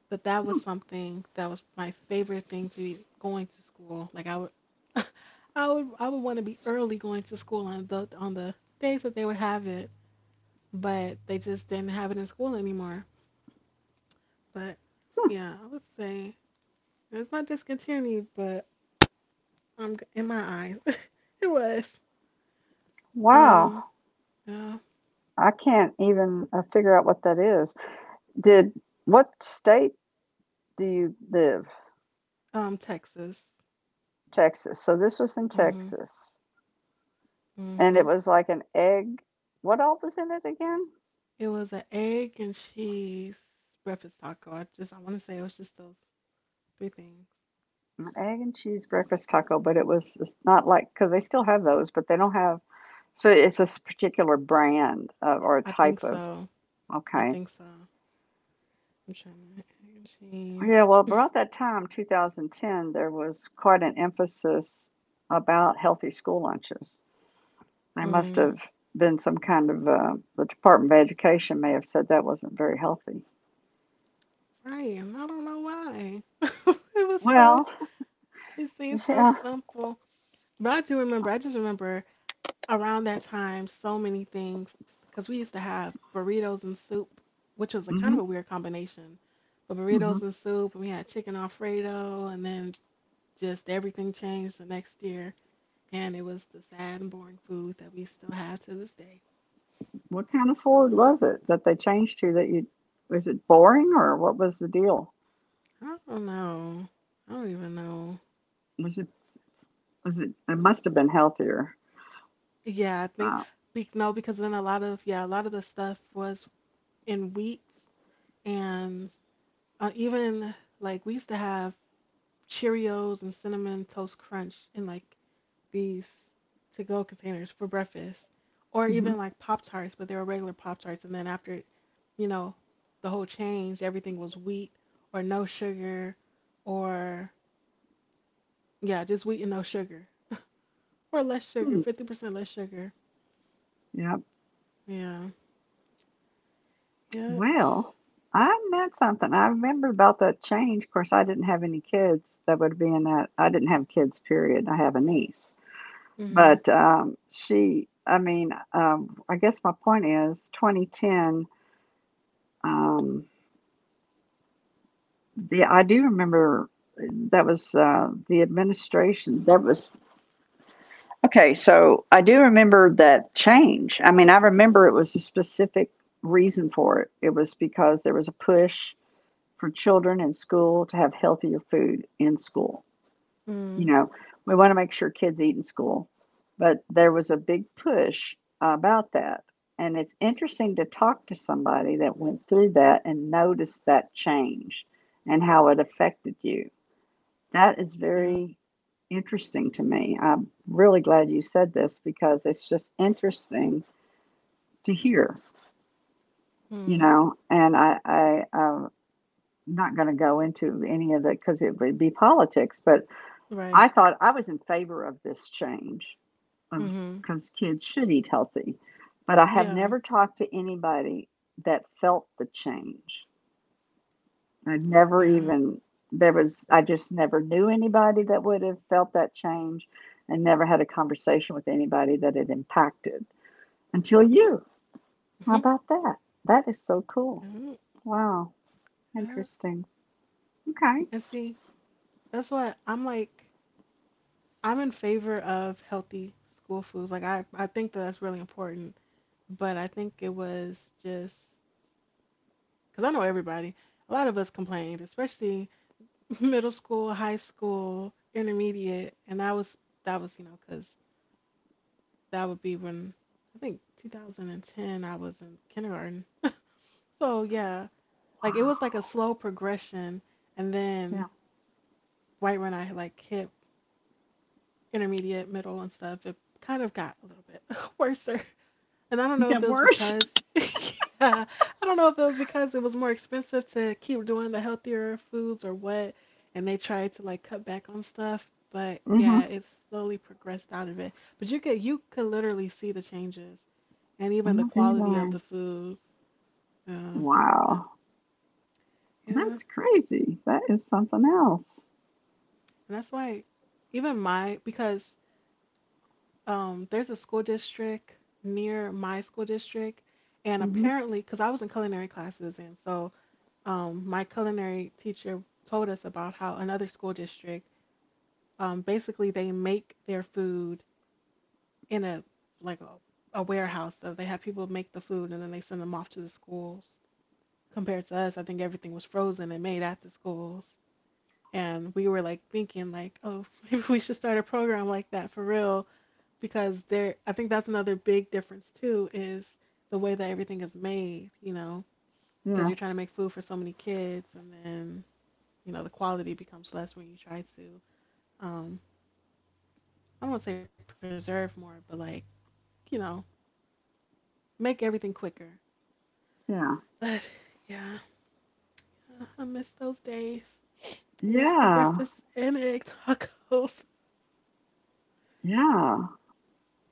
Speaker 1: But that was
Speaker 2: Hmm.
Speaker 1: something that was my favorite thing to be going to school. Like I would, I would want to be early going to school on the days that they would have it, but they just didn't have it in school anymore. But yeah, I would say it's not discontinued, but in my eyes, it was.
Speaker 2: Wow,
Speaker 1: Um, yeah,
Speaker 2: I can't even figure out what that is. Did what state? Do you live?
Speaker 1: Texas.
Speaker 2: Texas. So this was in
Speaker 1: Mhm,
Speaker 2: Texas. And it
Speaker 1: mhm.
Speaker 2: was like an egg. What all was in it again?
Speaker 1: It was an egg and cheese breakfast taco. I want to say it was just those three things.
Speaker 2: An egg and cheese breakfast taco, but it's not like, because they still have those, but they don't have. So it's this particular brand of, or a
Speaker 1: I think
Speaker 2: type of,
Speaker 1: so. I
Speaker 2: okay.
Speaker 1: think so. I'm trying to egg and cheese.
Speaker 2: Yeah, well, about that time, 2010, there was quite an emphasis about healthy school lunches. They must
Speaker 1: Hmm.
Speaker 2: have been some kind of, the Department of Education may have said that wasn't very healthy.
Speaker 1: Frying. I don't know why. It was so.
Speaker 2: Well,
Speaker 1: It seemed so
Speaker 2: yeah,
Speaker 1: simple. But I do remember. I just remember around that time, so many things because we used to have burritos and soup, which was a kind of
Speaker 2: hmm
Speaker 1: a weird combination. But
Speaker 2: hmm.
Speaker 1: burritos and soup, and we had chicken Alfredo, and then just everything changed the next year. And it was the sad and boring food that we still have to this day.
Speaker 2: What kind of Ford was it that they changed to that you was it boring or what was the deal?
Speaker 1: I don't know. I don't even know.
Speaker 2: Was it was it it must have been healthier.
Speaker 1: Yeah, I think
Speaker 2: Uh,
Speaker 1: no, because then a lot of yeah, a lot of the stuff was in wheats, and even like we used to have Cheerios and cinnamon toast crunch in like these to-go containers for breakfast, or
Speaker 2: hmm.
Speaker 1: even like Pop Tarts, but they were regular Pop Tarts. And then after, you know, the whole change, everything was wheat or no sugar, or yeah, just wheat and no sugar, or less sugar,
Speaker 2: Hmm.
Speaker 1: 50% less sugar.
Speaker 2: Yep.
Speaker 1: Yeah. Yep.
Speaker 2: Well, I meant something. I remember about that change. Of course, I didn't have any kids that would be in that. I didn't have kids, period. I have a niece.
Speaker 1: Mhm.
Speaker 2: But she, I mean, I guess my point is 2010, um, yeah, I do remember that was the administration. That was okay. So I do remember that change. I mean, I remember it was a specific reason for it. It was because there was a push for children in school to have healthier food in school. You
Speaker 1: Mm.
Speaker 2: know, we want to make sure kids eat in school, but there was a big push about that. And it's interesting to talk to somebody that went through that and noticed that change and how it affected you that is
Speaker 1: Yeah.
Speaker 2: very interesting to me. I'm really glad you said this because it's just interesting to hear, you
Speaker 1: Mm.
Speaker 2: know. And I'm not going to go into any of the because it would be politics. But
Speaker 1: Right.
Speaker 2: I thought I was in favor of this change
Speaker 1: Mhm.
Speaker 2: because kids should eat healthy, but I have
Speaker 1: Yeah.
Speaker 2: never talked to anybody that felt the change. I never
Speaker 1: Yeah.
Speaker 2: even there was I just never knew anybody that would have felt that change and never had a conversation with anybody that it impacted until you. How
Speaker 1: Mhm.
Speaker 2: about that? That is so cool.
Speaker 1: Mm.
Speaker 2: Wow.
Speaker 1: Yeah.
Speaker 2: Interesting. Okay.
Speaker 1: And see, that's what I'm like. I'm in favor of healthy school foods. Like I think that that's really important. But I think it was just because I know everybody. A lot of us complained, especially middle school, high school, intermediate, and that was because that would be when I think 2010 I was in kindergarten. So yeah, like it was like
Speaker 2: Wow.
Speaker 1: a slow progression, and
Speaker 2: Yeah.
Speaker 1: then right when I like hit intermediate, middle, and stuff, it kind of got a little bit worser. And I don't
Speaker 2: It
Speaker 1: know if
Speaker 2: got
Speaker 1: it was
Speaker 2: worse.
Speaker 1: because yeah, I don't know if it was because it was more expensive to keep doing the healthier foods or what, and they tried to like cut back on stuff, but
Speaker 2: Mm-hmm.
Speaker 1: yeah, it slowly progressed out of it. But you could literally see the changes and even the
Speaker 2: Oh, be
Speaker 1: quality of the
Speaker 2: darn.
Speaker 1: foods. Um, but
Speaker 2: Wow.
Speaker 1: yeah, and
Speaker 2: That's crazy. That is something else.
Speaker 1: that's why even my because there's a school district near my school district and
Speaker 2: Mm-hmm.
Speaker 1: apparently because I was in culinary classes and so my culinary teacher told us about how another school district basically they make their food in like a, a warehouse, so they have people make the food and then they send them off to the schools compared to us. I think everything was frozen and made at the schools, and we were like thinking like, oh, maybe we should start a program like that for real, because there, I think that's another big difference too, is the way that everything is made, you know, because
Speaker 2: Yeah.
Speaker 1: you're trying to make food for so many kids, and then you know the quality becomes less when you try to um I don't want to say preserve more, but like, you know, make everything quicker.
Speaker 2: Yeah.
Speaker 1: But yeah, yeah, I miss those days. I miss the
Speaker 2: Yeah.
Speaker 1: breakfast and egg tacos.
Speaker 2: Yeah.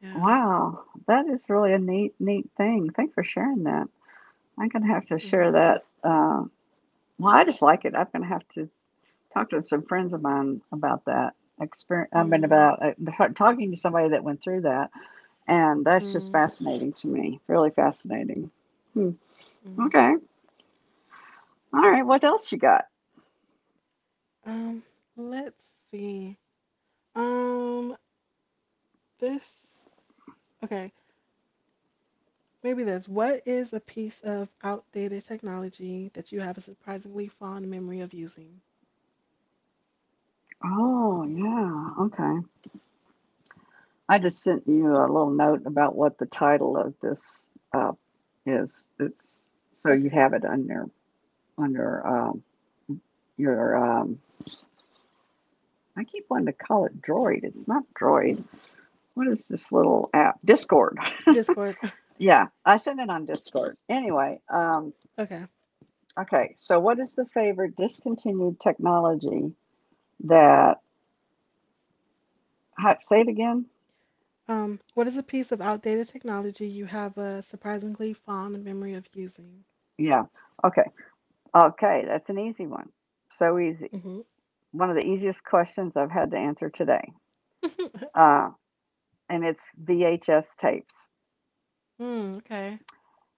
Speaker 1: Yeah.
Speaker 2: Wow, that is really a neat, neat thing. Thanks for sharing that. I'm gonna have to
Speaker 1: Mm,
Speaker 2: share that. Well, I just like it. I'm gonna have to talk to some friends of mine about that experience. I mean,
Speaker 1: mm,
Speaker 2: about talking to somebody that went through that, and that's just
Speaker 1: mm,
Speaker 2: fascinating to me. Really fascinating. Hmm.
Speaker 1: mm.
Speaker 2: Okay. All right. What else you got?
Speaker 1: Um, let's see. Um, this. Okay, maybe this. What is a piece of outdated technology that you have a surprisingly fond memory of using?
Speaker 2: Oh, yeah. Okay. I just sent you a little note about what the title of this uh, is. It's so you
Speaker 1: Okay,
Speaker 2: have it on your on your. um, your um I keep wanting to call it Droid. It's not Droid. What is this little app? Discord.
Speaker 1: Discord. Okay.
Speaker 2: Yeah, I send it on Discord. Anyway,
Speaker 1: Okay.
Speaker 2: okay, so what is the favorite discontinued technology that say it again?
Speaker 1: What is a piece of outdated technology you have a surprisingly fond memory of using?
Speaker 2: Yeah. Okay. Okay, that's an easy one. So easy.
Speaker 1: Hmm.
Speaker 2: One of the easiest questions I've had to answer today. Uh and it's VHS tapes.
Speaker 1: Mm, okay.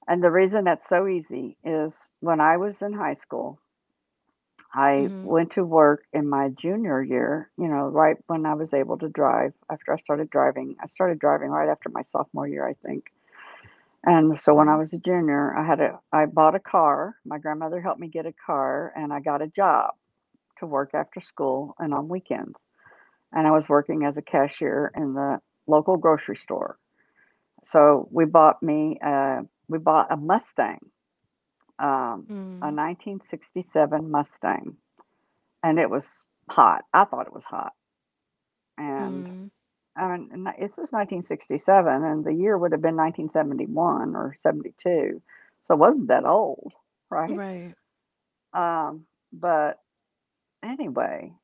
Speaker 2: And the reason that's so easy is when I was in high school, I
Speaker 1: Mm-hmm.
Speaker 2: went to work in my junior year, you know, right when I was able to drive, after I started driving. I started driving right after my sophomore year, I think. And so when I
Speaker 1: Okay.
Speaker 2: was a junior, I bought a car. My grandmother helped me get a car and I got a job to work after school and on weekends. And I was working as a cashier in the local grocery store. So we bought a Mustang, um, a
Speaker 1: Mm,
Speaker 2: 1967 Mustang, and it was hot. I thought it was hot. And,
Speaker 1: mm,
Speaker 2: I mean, and it says 1967, and the year would have been 1971 or 72, so it wasn't that old, right?
Speaker 1: right.
Speaker 2: Um, but anyway,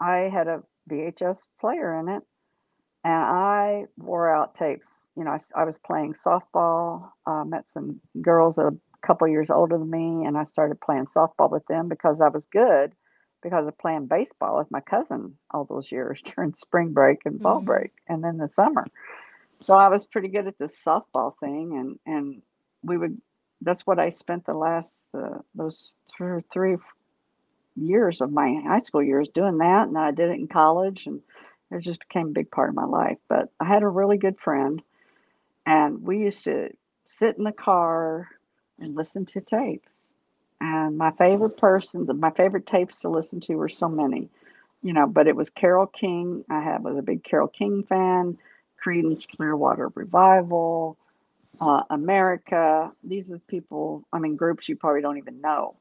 Speaker 2: I had a VHS player in it, and I wore out tapes. You know, I was playing softball, met some girls that are a couple years older than me, and I started playing softball with them because I was good because of playing baseball with my cousin all those years during spring break and fall
Speaker 1: Mm,
Speaker 2: break, and then the summer. So I was pretty good at this softball thing, and we would. That's what I spent the last those three years of my high school years doing that, and I did it in college, and it just became a big part of my life. But I had a really good friend and we used to sit in the car and listen to tapes. And my favorite person, my favorite tapes to listen to were so many, you know, but it was Carol King. Was a big Carol King fan, Creedence Clearwater Revival, America. These are people, I mean, groups you probably don't even know.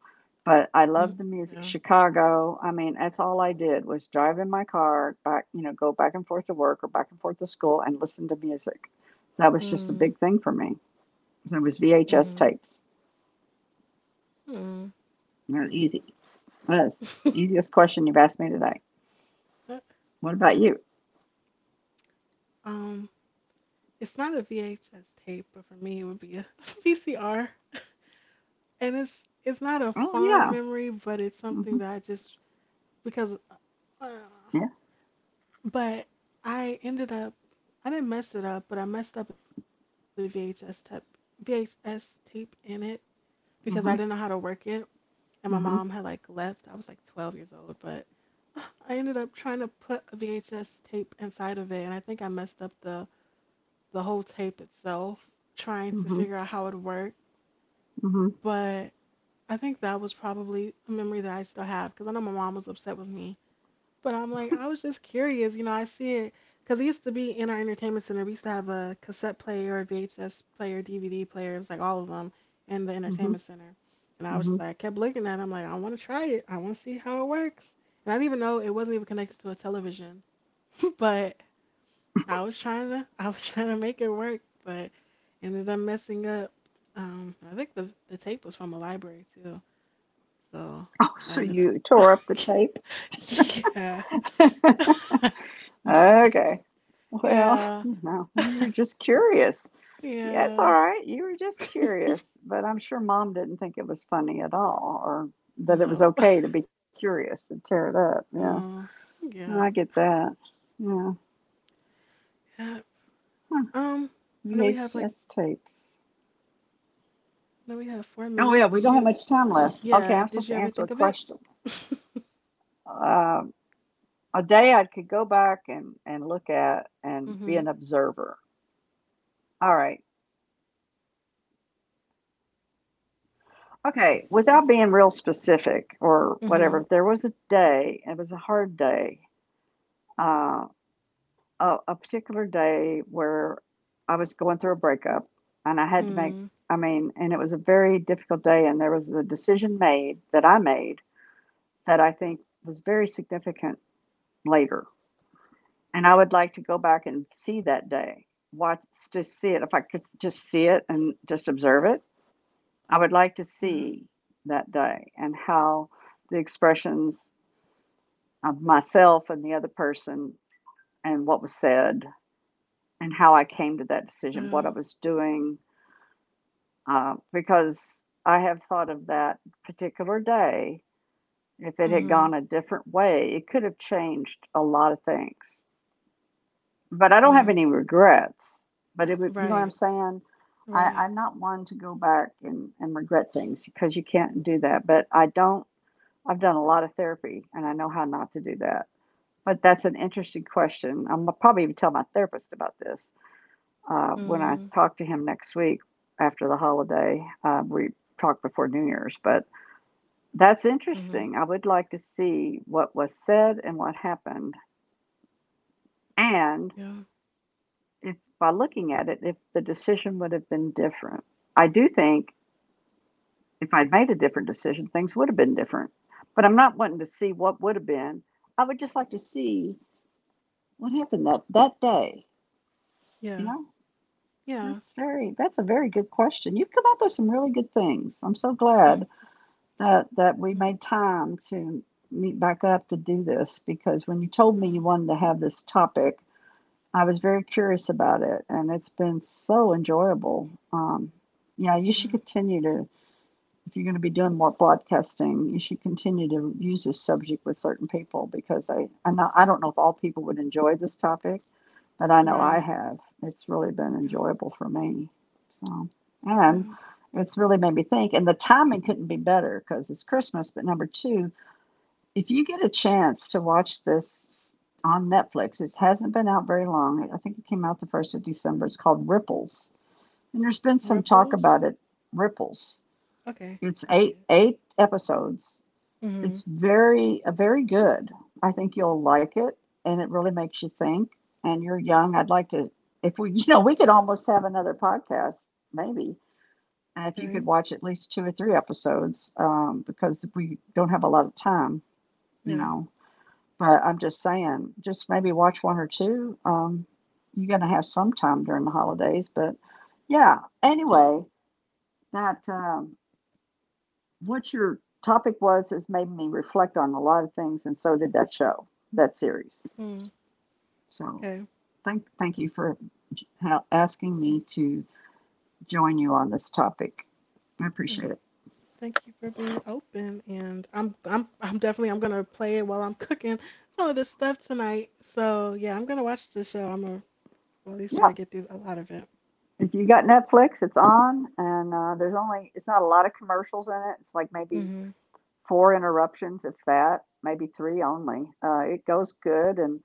Speaker 2: But I
Speaker 1: mm,
Speaker 2: love the music.
Speaker 1: yeah.
Speaker 2: Chicago, I mean, that's all I did was drive in my car, back, you know, go back and forth to work or back and forth to school and listen to music. That was just a
Speaker 1: Mm,
Speaker 2: big thing for me. It was VHS
Speaker 1: mm-hmm.
Speaker 2: tapes.
Speaker 1: Mm.
Speaker 2: It was easy. That's the easiest question you've asked me today.
Speaker 1: Uh,
Speaker 2: What about you?
Speaker 1: Um, it's not a VHS tape, but for me it would be a VCR. And it's not a
Speaker 2: Oh,
Speaker 1: fond
Speaker 2: yeah.
Speaker 1: memory, but it's
Speaker 2: Hmm.
Speaker 1: something that I just because uh,
Speaker 2: Yeah.
Speaker 1: but I ended up, I didn't mess it up, but I messed up a VHS tape in it because I didn't know how to work
Speaker 2: Hmm.
Speaker 1: it. And my mom had like
Speaker 2: Hmm.
Speaker 1: left. I was like 12 years old, but I ended up trying to put a VHS tape inside of it. And I think I messed up the whole tape itself, trying to
Speaker 2: Hmm.
Speaker 1: figure out how it worked.
Speaker 2: Hmm.
Speaker 1: But I think that was probably a memory that I still have because I know my mom was upset with me. But I'm like, I was just curious, you know, I see it because it used to be in our entertainment center. We used to have a cassette player, a VHS player, DVD player. It was like all of them in the
Speaker 2: Hmm.
Speaker 1: entertainment center. And I was just
Speaker 2: Hmm.
Speaker 1: like, I kept looking at it. I'm like, I want to try it. I want to see how it works. And I didn't even know it wasn't even connected to a television. But I was trying to, I was trying to make it work, but ended up messing up. I think the tape was from a library too. So
Speaker 2: Oh,
Speaker 1: yeah, I
Speaker 2: so
Speaker 1: ended
Speaker 2: you
Speaker 1: up,
Speaker 2: tore up the tape.
Speaker 1: yeah.
Speaker 2: Okay. Well,
Speaker 1: Yeah.
Speaker 2: you know, you were just curious. Yeah, it's all
Speaker 1: Yeah.
Speaker 2: right. You were just curious, but I'm sure mom didn't think it was funny at all or that it was
Speaker 1: No.
Speaker 2: okay to be curious and tear it up. Yeah,
Speaker 1: Oh,
Speaker 2: I
Speaker 1: yeah.
Speaker 2: get that. Yeah.
Speaker 1: Yeah.
Speaker 2: Huh.
Speaker 1: Um, I know we have like,
Speaker 2: VHS tapes.
Speaker 1: I know we have four
Speaker 2: Oh, yeah,
Speaker 1: minutes.
Speaker 2: we
Speaker 1: Did
Speaker 2: don't have
Speaker 1: you,
Speaker 2: much time left. Okay,
Speaker 1: yeah,
Speaker 2: I'm
Speaker 1: did
Speaker 2: supposed
Speaker 1: you
Speaker 2: to
Speaker 1: ever
Speaker 2: answer a
Speaker 1: think of it?
Speaker 2: question. Um, a day I could go back and look at and be
Speaker 1: Mm-hmm.
Speaker 2: an observer. All right. Okay, without being real specific or
Speaker 1: Mm-hmm.
Speaker 2: whatever, there was a day, it was a hard day, uh, a particular day where I was going through a breakup and I had to make,
Speaker 1: Mm.
Speaker 2: I mean, and it was a very difficult day. And there was a decision made that I think was very significant later. And I would like to go back and see that day, watch, just see it, if I could just see it and just observe it. I would like to
Speaker 1: Yeah.
Speaker 2: see that day and how the expressions of myself and the other person and what was said and how I came to that
Speaker 1: Yeah.
Speaker 2: decision, what I was doing, because I have thought of that particular day. If it had
Speaker 1: Mm-hmm.
Speaker 2: gone a different way, it could have changed a lot of things. But I don't have
Speaker 1: Mm.
Speaker 2: any regrets. But it would, you know what I'm
Speaker 1: Right.
Speaker 2: saying?
Speaker 1: Right.
Speaker 2: I'm not one to go back and, regret things because you can't do that. But I don't I've done a lot of therapy and I know how not to do that. But that's an interesting question. I'm gonna probably even tell my therapist about this
Speaker 1: Mm.
Speaker 2: when I talk to him next week after the holiday. We talk before New Year's, but that's
Speaker 1: Mm-hmm.
Speaker 2: interesting. I would like to see what was said and what happened, and
Speaker 1: Yeah.
Speaker 2: if by looking at it, if the decision would have been different. I do think if I'd made a different decision, things would have been different. But I'm not wanting to see what would have been. I would just like to see what happened that day? You
Speaker 1: Yeah.
Speaker 2: know,
Speaker 1: Yeah.
Speaker 2: that's a very good question. You've come up with some really good things. I'm so
Speaker 1: Mm,
Speaker 2: glad that we
Speaker 1: mm,
Speaker 2: made time to meet back up to do this because when you told me
Speaker 1: mm,
Speaker 2: you wanted to have this topic, I was very curious about it, and it's been so enjoyable. Yeah, you should
Speaker 1: mm.
Speaker 2: continue to if you're going to be doing more broadcasting, you should continue to use this subject with certain people because I don't know if all people would enjoy this topic but I know I
Speaker 1: Right.
Speaker 2: have. It's really been
Speaker 1: Yeah.
Speaker 2: enjoyable for me. So, and
Speaker 1: Yeah.
Speaker 2: it's really made me think. And the timing couldn't be better because it's Christmas. But number two, if you get a chance to watch this on Netflix, it hasn't been out very long. I think it came out the 1st of December. It's called Ripples. And there's been some talk
Speaker 1: Ripples.
Speaker 2: about it, Ripples.
Speaker 1: Okay.
Speaker 2: It's
Speaker 1: I see it.
Speaker 2: eight episodes it's
Speaker 1: Mm-hmm.
Speaker 2: very very good. I think you'll like it, and it really makes you think. And you're young. I'd like to, if we, you know, we could almost have another podcast, maybe. And if you could
Speaker 1: Okay.
Speaker 2: watch at least two or three episodes, because we don't have a lot of time, you
Speaker 1: Yeah.
Speaker 2: know. But I'm just saying, just maybe watch one or two. You're going to have some time during the holidays, but yeah. Anyway, that what your topic was has made me reflect on a lot of things, and so did that show, that series.
Speaker 1: Mm.
Speaker 2: So
Speaker 1: Okay.
Speaker 2: thank you for asking
Speaker 1: Mm.
Speaker 2: me to join you on this topic. I appreciate
Speaker 1: Mm,
Speaker 2: it.
Speaker 1: thank you for being open, and I'm definitely, I'm gonna play it while I'm cooking some of this stuff tonight. So yeah, I'm gonna watch the show. I'm gonna, well, at least try
Speaker 2: Yeah.
Speaker 1: to get through a lot of it.
Speaker 2: If you got Netflix, it's on, and there's only it's not a lot of commercials in it. It's like maybe
Speaker 1: Hmm.
Speaker 2: four interruptions, if that, maybe three only. It goes good, and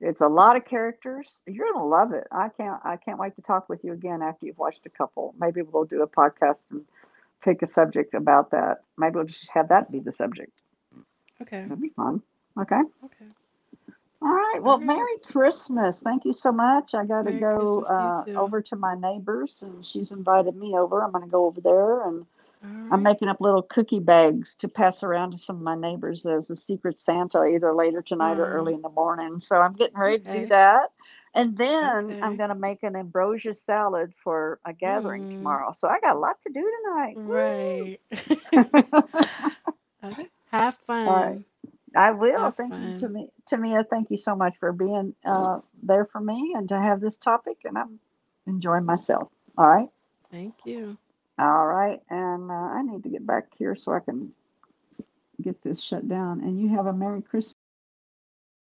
Speaker 2: it's a lot of characters. You're gonna love it. I can't wait to talk with you again after you've watched a couple. Maybe we'll do a podcast and pick a subject about that. Maybe we'll just have that be the subject.
Speaker 1: Okay,
Speaker 2: That'd be fun. Okay.
Speaker 1: okay,
Speaker 2: All right.
Speaker 1: all
Speaker 2: Well,
Speaker 1: right.
Speaker 2: Merry Christmas. Thank you so much. I got to
Speaker 1: Merry
Speaker 2: go
Speaker 1: Christmas to you too.
Speaker 2: over to my neighbor's, and she's invited me over. I'm going to go over there and
Speaker 1: All
Speaker 2: I'm
Speaker 1: right.
Speaker 2: making up little cookie bags to pass around to some of my neighbors as a secret Santa, either later tonight or early
Speaker 1: Oh,
Speaker 2: in the morning. So I'm getting ready to do
Speaker 1: okay,
Speaker 2: that. And then I'm
Speaker 1: okay.
Speaker 2: going to make an ambrosia salad for a gathering
Speaker 1: Hmm.
Speaker 2: tomorrow. So I got a lot to do tonight. Woo!
Speaker 1: Right. Okay. Have
Speaker 2: All right.
Speaker 1: fun.
Speaker 2: I will.
Speaker 1: Have
Speaker 2: Thank you,
Speaker 1: fun.
Speaker 2: Tamia. Thank you so much for being there for me and to have this topic. And I'm enjoying myself. All right.
Speaker 1: Thank you.
Speaker 2: All right. And I need to get back here so I can get this shut down. And you have a Merry
Speaker 1: Okay.
Speaker 2: Christmas